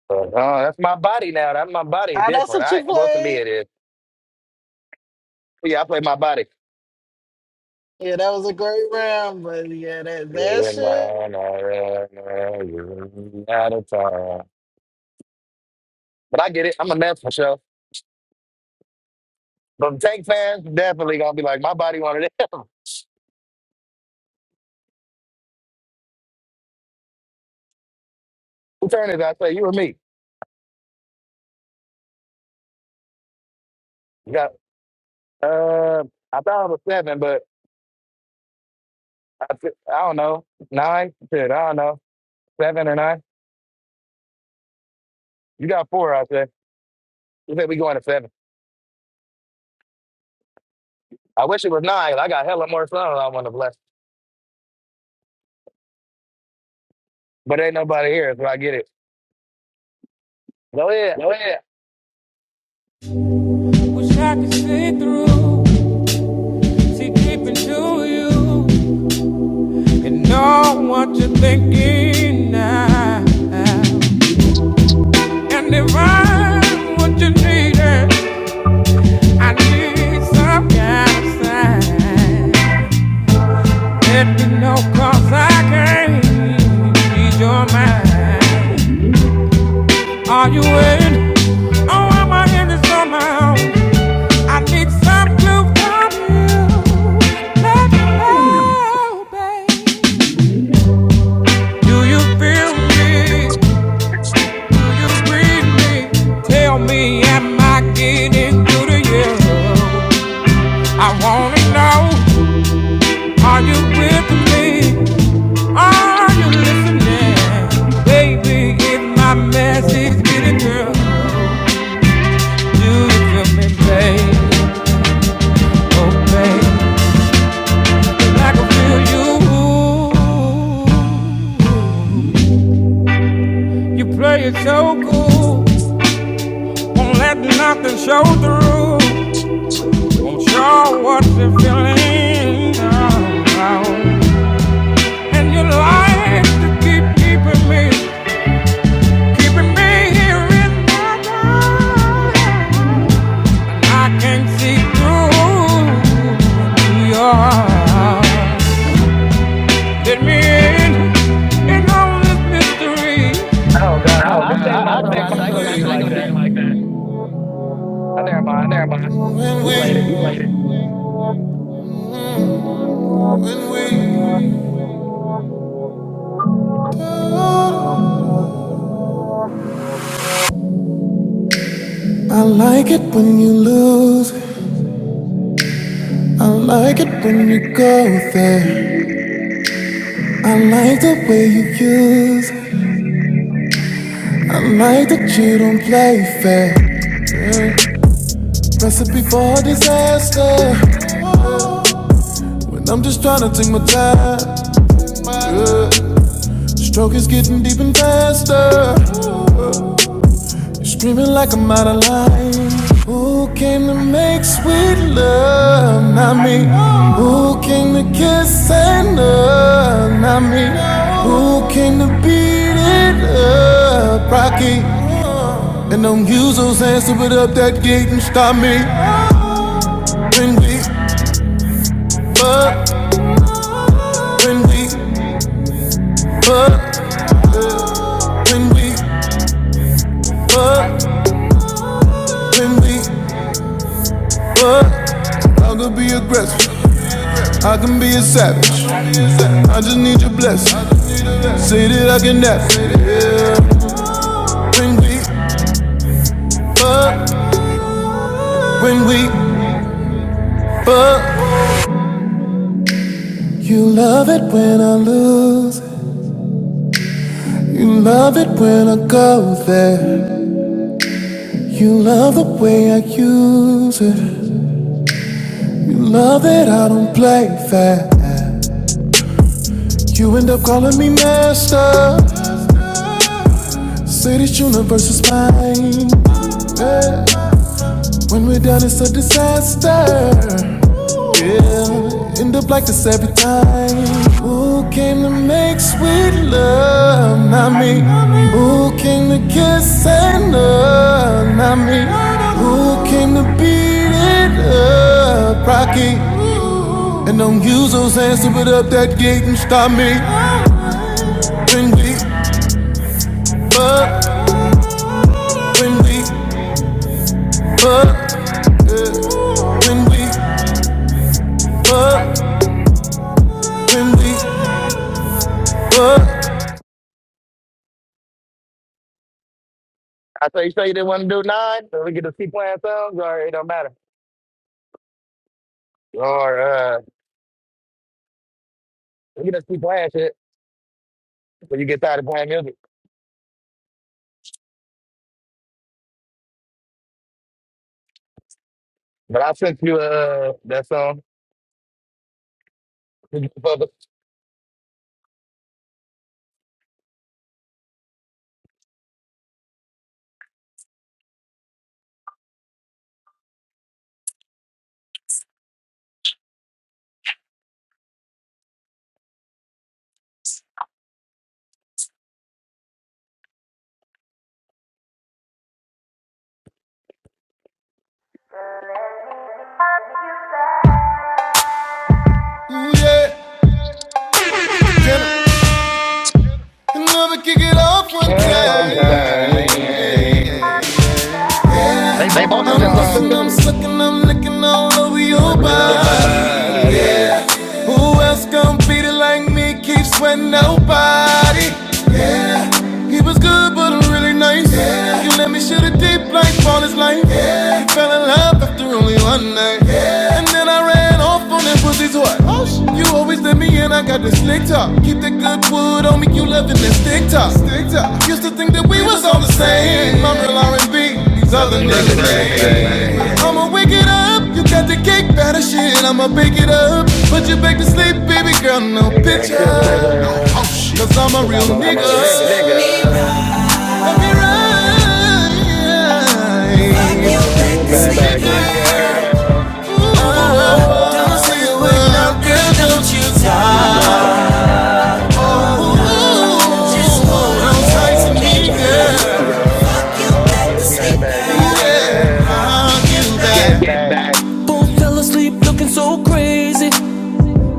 Speaker 3: Oh, that's my body now. That's my body
Speaker 4: Ah, that's
Speaker 3: different.
Speaker 4: what
Speaker 3: I
Speaker 4: you
Speaker 3: well to me
Speaker 4: played?
Speaker 3: it is. But yeah, I play my body.
Speaker 4: Yeah, that was a great round, but yeah, that that
Speaker 3: You're in
Speaker 4: shit.
Speaker 3: mine, I am out of time. But I get it. I'm a mess for sure. But Tank fans definitely gonna be like, my body wanted it. <laughs> Who turn is it? I say you or me? You got uh I thought it was seven, but I, th- I don't know. Nine? Shit, I don't know. Seven or nine? You got four, I said. You said we going to seven. I wish it was nine. I got hella more songs I want to bless. But ain't nobody here, so I get it. Go ahead.
Speaker 5: Wish I could see through, see deep into you. You know what you're thinking now. And if I'm what you needed, I need some kind of sign. Let me know, cause I can't read your mind. Are you in? Oh, am I in it somehow? I need some clue from you. Let me know, babe. Do you feel me? Will you screen me? Tell me, am I getting through to you? I wanna know, are you with me? Are you listening? Baby, is my message getting
Speaker 3: Oh
Speaker 5: through? Do you feel me, babe? Oh, babe, 'cause I feel you. You play it so cool, won't let nothing show through. Won't show what you're feeling now. And you like to keep keeping me, keeping me here in my mind. I can not see through your heart. Let me in, in all this mystery.
Speaker 3: God, I,
Speaker 5: Oh
Speaker 3: I
Speaker 5: God,
Speaker 3: thank
Speaker 5: I, I
Speaker 3: myself,
Speaker 5: think
Speaker 3: gosh, I
Speaker 5: myself
Speaker 3: ain't gonna do you
Speaker 5: I ain't
Speaker 3: like
Speaker 5: gonna do
Speaker 3: that.
Speaker 5: you like that.
Speaker 3: I never mind.
Speaker 5: I never mind.
Speaker 3: You played it.
Speaker 5: You later. like it blues. I like it when you go there. I like the way you use Like that you don't play fair. Recipe for disaster. When I'm just tryna take my time. Yeah. Stroke is getting deep and faster. You're Screaming like I'm out of line. Who came to make sweet love? Not me. Who came to kiss and love? Not me. Who came to beat it up? Rocky. And don't use those hands to put up that gate and stop me. When we fuck, when we fuck, when we fuck, when we fuck, I could be aggressive. I can be a savage. I just need your blessing. Say that I can have it. Yeah. When we fuck, when we fuck, you love it when I lose. You love it when I go there. You love the way I use it. You love that I don't play fair. You end up calling me master. Say this universe is mine. Yeah. When we're down, it's a disaster. Yeah, end up like this every time. Who came to make sweet love? Not me. Who came to kiss and love? Not me. Who came to beat it up? Rocky. And don't use those hands to put up that gate and stop me. When we fuck, when we fuck, when we fuck, when we fuck.
Speaker 3: I say you say you didn't want to do nine, so we get to keep playing songs, or it don't matter. Or uh we get to keep playing shit when you get tired of playing music. But I sent you uh that song. For the
Speaker 5: Yeah. Can Never kick it off one time.
Speaker 3: time. They
Speaker 5: They
Speaker 3: bump on this
Speaker 5: bumping I'm this
Speaker 3: song
Speaker 5: kissing, I'm
Speaker 3: too.
Speaker 5: sucking, I'm licking all over your
Speaker 3: Remember your
Speaker 5: body.
Speaker 3: body.
Speaker 5: Who else gon' beat it like me? Keep sweating nobody. Yeah. He was good, but I'm really nice. Yeah. You let me shoot it deep like all his life. Yeah. He fell in love after only one night. Yeah. And then I ran off on that pussy's what? Oh, shit. You always let me in, I got this slick talk. Keep the good wood on me, you loving that stick talk. Stick talk. Used to think that we was all the same. My real R&B, these other
Speaker 3: You know the
Speaker 5: niggas
Speaker 3: niggas
Speaker 5: ain't.
Speaker 3: man.
Speaker 5: I'ma wake it up. You got the cake batter shit. I'ma bake it up. Put you back to sleep, baby girl. No
Speaker 3: Nigga,
Speaker 5: picture.
Speaker 3: because
Speaker 5: Cause I'm a real
Speaker 3: I'm
Speaker 5: I'm
Speaker 3: a
Speaker 5: nigga. a
Speaker 3: real
Speaker 5: real nigga.
Speaker 3: nigga. Fuck you back to
Speaker 5: Get
Speaker 3: sleep, girl. Ah, you cry. But I'm sorry to me, girl. Fuck you back to
Speaker 5: back,
Speaker 3: sleep, girl. Get
Speaker 5: get
Speaker 3: back
Speaker 5: back, Both fell asleep looking so crazy.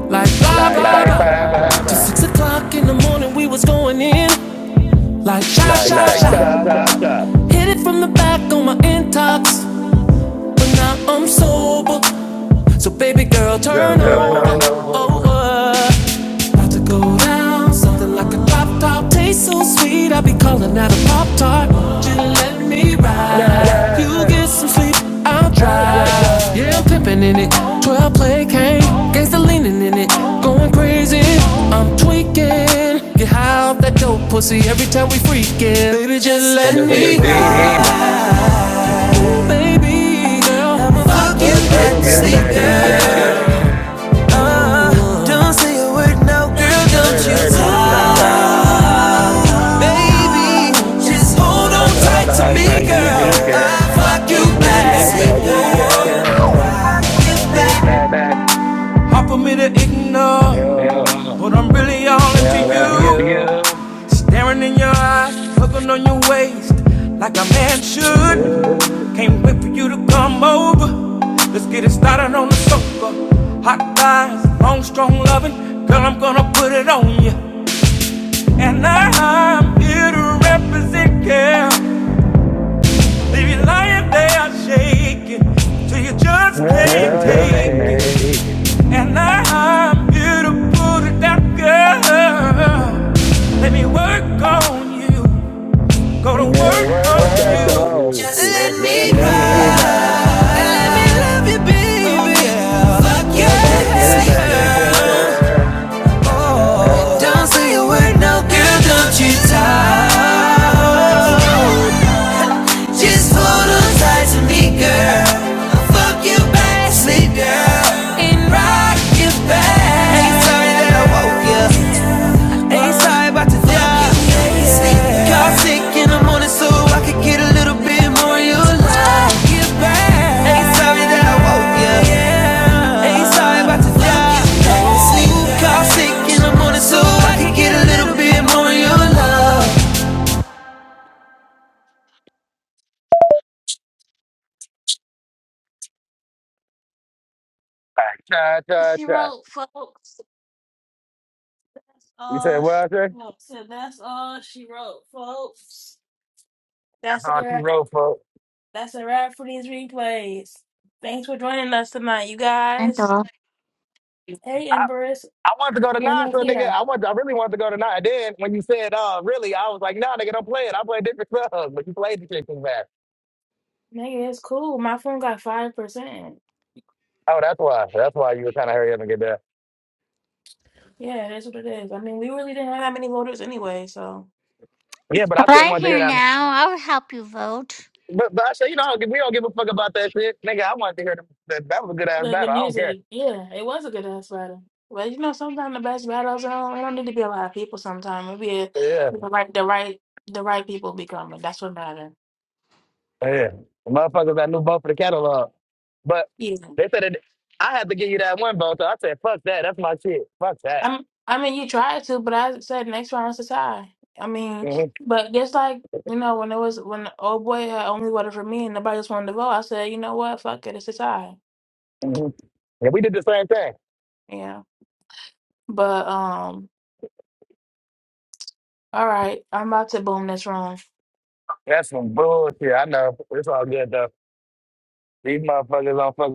Speaker 5: Like blah blah
Speaker 3: like
Speaker 5: like
Speaker 3: ba
Speaker 5: blah. blah
Speaker 3: ba
Speaker 5: Till
Speaker 3: ba,
Speaker 5: six o'clock in the morning we was going in. Like sha sha
Speaker 3: like
Speaker 5: like sha.
Speaker 3: ta ta ta.
Speaker 5: Hit it from the back on my intox. but now I'm sober. So baby girl, turn
Speaker 3: Just
Speaker 5: Yeah,
Speaker 3: run
Speaker 5: over.
Speaker 3: over,
Speaker 5: over. About to go down, something like a pop tart. Tastes so sweet, I be calling out a pop tart. Won't You let me ride.
Speaker 3: ride,
Speaker 5: You get some sleep, I'll
Speaker 3: I
Speaker 5: drive.
Speaker 3: drive,
Speaker 5: Yeah, I'm pimping in it. 12 play cane, gangsta leaning in it, going crazy. I'm tweaking. Get high off that dope pussy every time we freaking. Baby, just let
Speaker 3: and the
Speaker 5: me
Speaker 3: big
Speaker 5: ride.
Speaker 3: diva.
Speaker 5: Baby girl, i am going fuck you
Speaker 3: Fuck you
Speaker 5: and
Speaker 3: back to
Speaker 5: sleep,
Speaker 3: sleep,
Speaker 5: girl.
Speaker 3: girl.
Speaker 5: Uh, don't say a word now, girl, don't
Speaker 3: Hey,
Speaker 5: you
Speaker 3: don't you
Speaker 5: talk.
Speaker 3: cry.
Speaker 5: Baby, just hold
Speaker 3: That's
Speaker 5: on
Speaker 3: what I'm
Speaker 5: tight to
Speaker 3: trying
Speaker 5: me,
Speaker 3: for me,
Speaker 5: girl. I'll
Speaker 3: girl.
Speaker 5: fuck you
Speaker 3: Fuck you
Speaker 5: back.
Speaker 3: back to
Speaker 5: Sleep,
Speaker 3: me,
Speaker 5: girl.
Speaker 3: girl.
Speaker 5: Fuck
Speaker 3: Uh,
Speaker 5: you
Speaker 3: get back.
Speaker 5: back. Hard for me to ignore,
Speaker 3: Oh,
Speaker 5: but I'm really all
Speaker 3: yeah,
Speaker 5: into
Speaker 3: I love you.
Speaker 5: you. Staring in your eyes, looking on your waist, like a man should. Can't wait for you to come over. Let's get it started on the sofa. Hot thighs, long, strong loving. Girl, I'm gonna put it on you. And I'm here to represent, girl. Leave you lying there shaking till you just can't
Speaker 3: Just
Speaker 5: take
Speaker 3: really make it.
Speaker 5: it. And I'm here to pull.
Speaker 3: Yeah, work on
Speaker 5: oh,
Speaker 3: you.
Speaker 5: Just let
Speaker 3: Just let
Speaker 5: me
Speaker 3: me
Speaker 5: ride.
Speaker 3: by.
Speaker 5: and Let me love you, baby. Fuck your you,
Speaker 3: Fuck you back to sleep,
Speaker 5: yeah.
Speaker 3: girl. Uh,
Speaker 5: oh.
Speaker 3: oh,
Speaker 5: Don't say a word, no girl, don't you talk. Just hold on tight to me, girl. I'll fuck you back, to sleep, girl, and rock you back. Sorry that I woke you. Ain't sorry about the job. Got sick in the morning so I could get a little bit more of your love. Ain't sorry that I woke you. Ain't sorry about the job. Got sick in the morning so I could get a little bit more of your love.
Speaker 3: cha cha cha. You said what, sir? That's all she wrote, folks.
Speaker 9: and off.
Speaker 3: I wanted to go to nine, so nigga, I want, I really wanted to go to nine. And Then when you said, uh, really, I was like, nah, nigga, don't play it. I play different stuff, but you played the shit too fast. Oh, that's why. That's why you were trying to hurry up and get there. Yeah, but
Speaker 9: But
Speaker 3: I still
Speaker 9: I'm
Speaker 3: wanted to hear
Speaker 9: here
Speaker 3: that.
Speaker 9: now. I'll help you vote.
Speaker 3: But, but I said, you know, we don't give a fuck about that shit, nigga. I wanted to hear the, that. That was a good ass battle. I don't care. Yeah, yeah. The Motherfuckers, that new vote for the catalog, but they said it, I had to give you that one vote. So I said, fuck that. That's my shit. Fuck that. hmm hmm Yeah, we did the same thing. That's some bullshit. I know. It's all good though. These motherfuckers don't fuck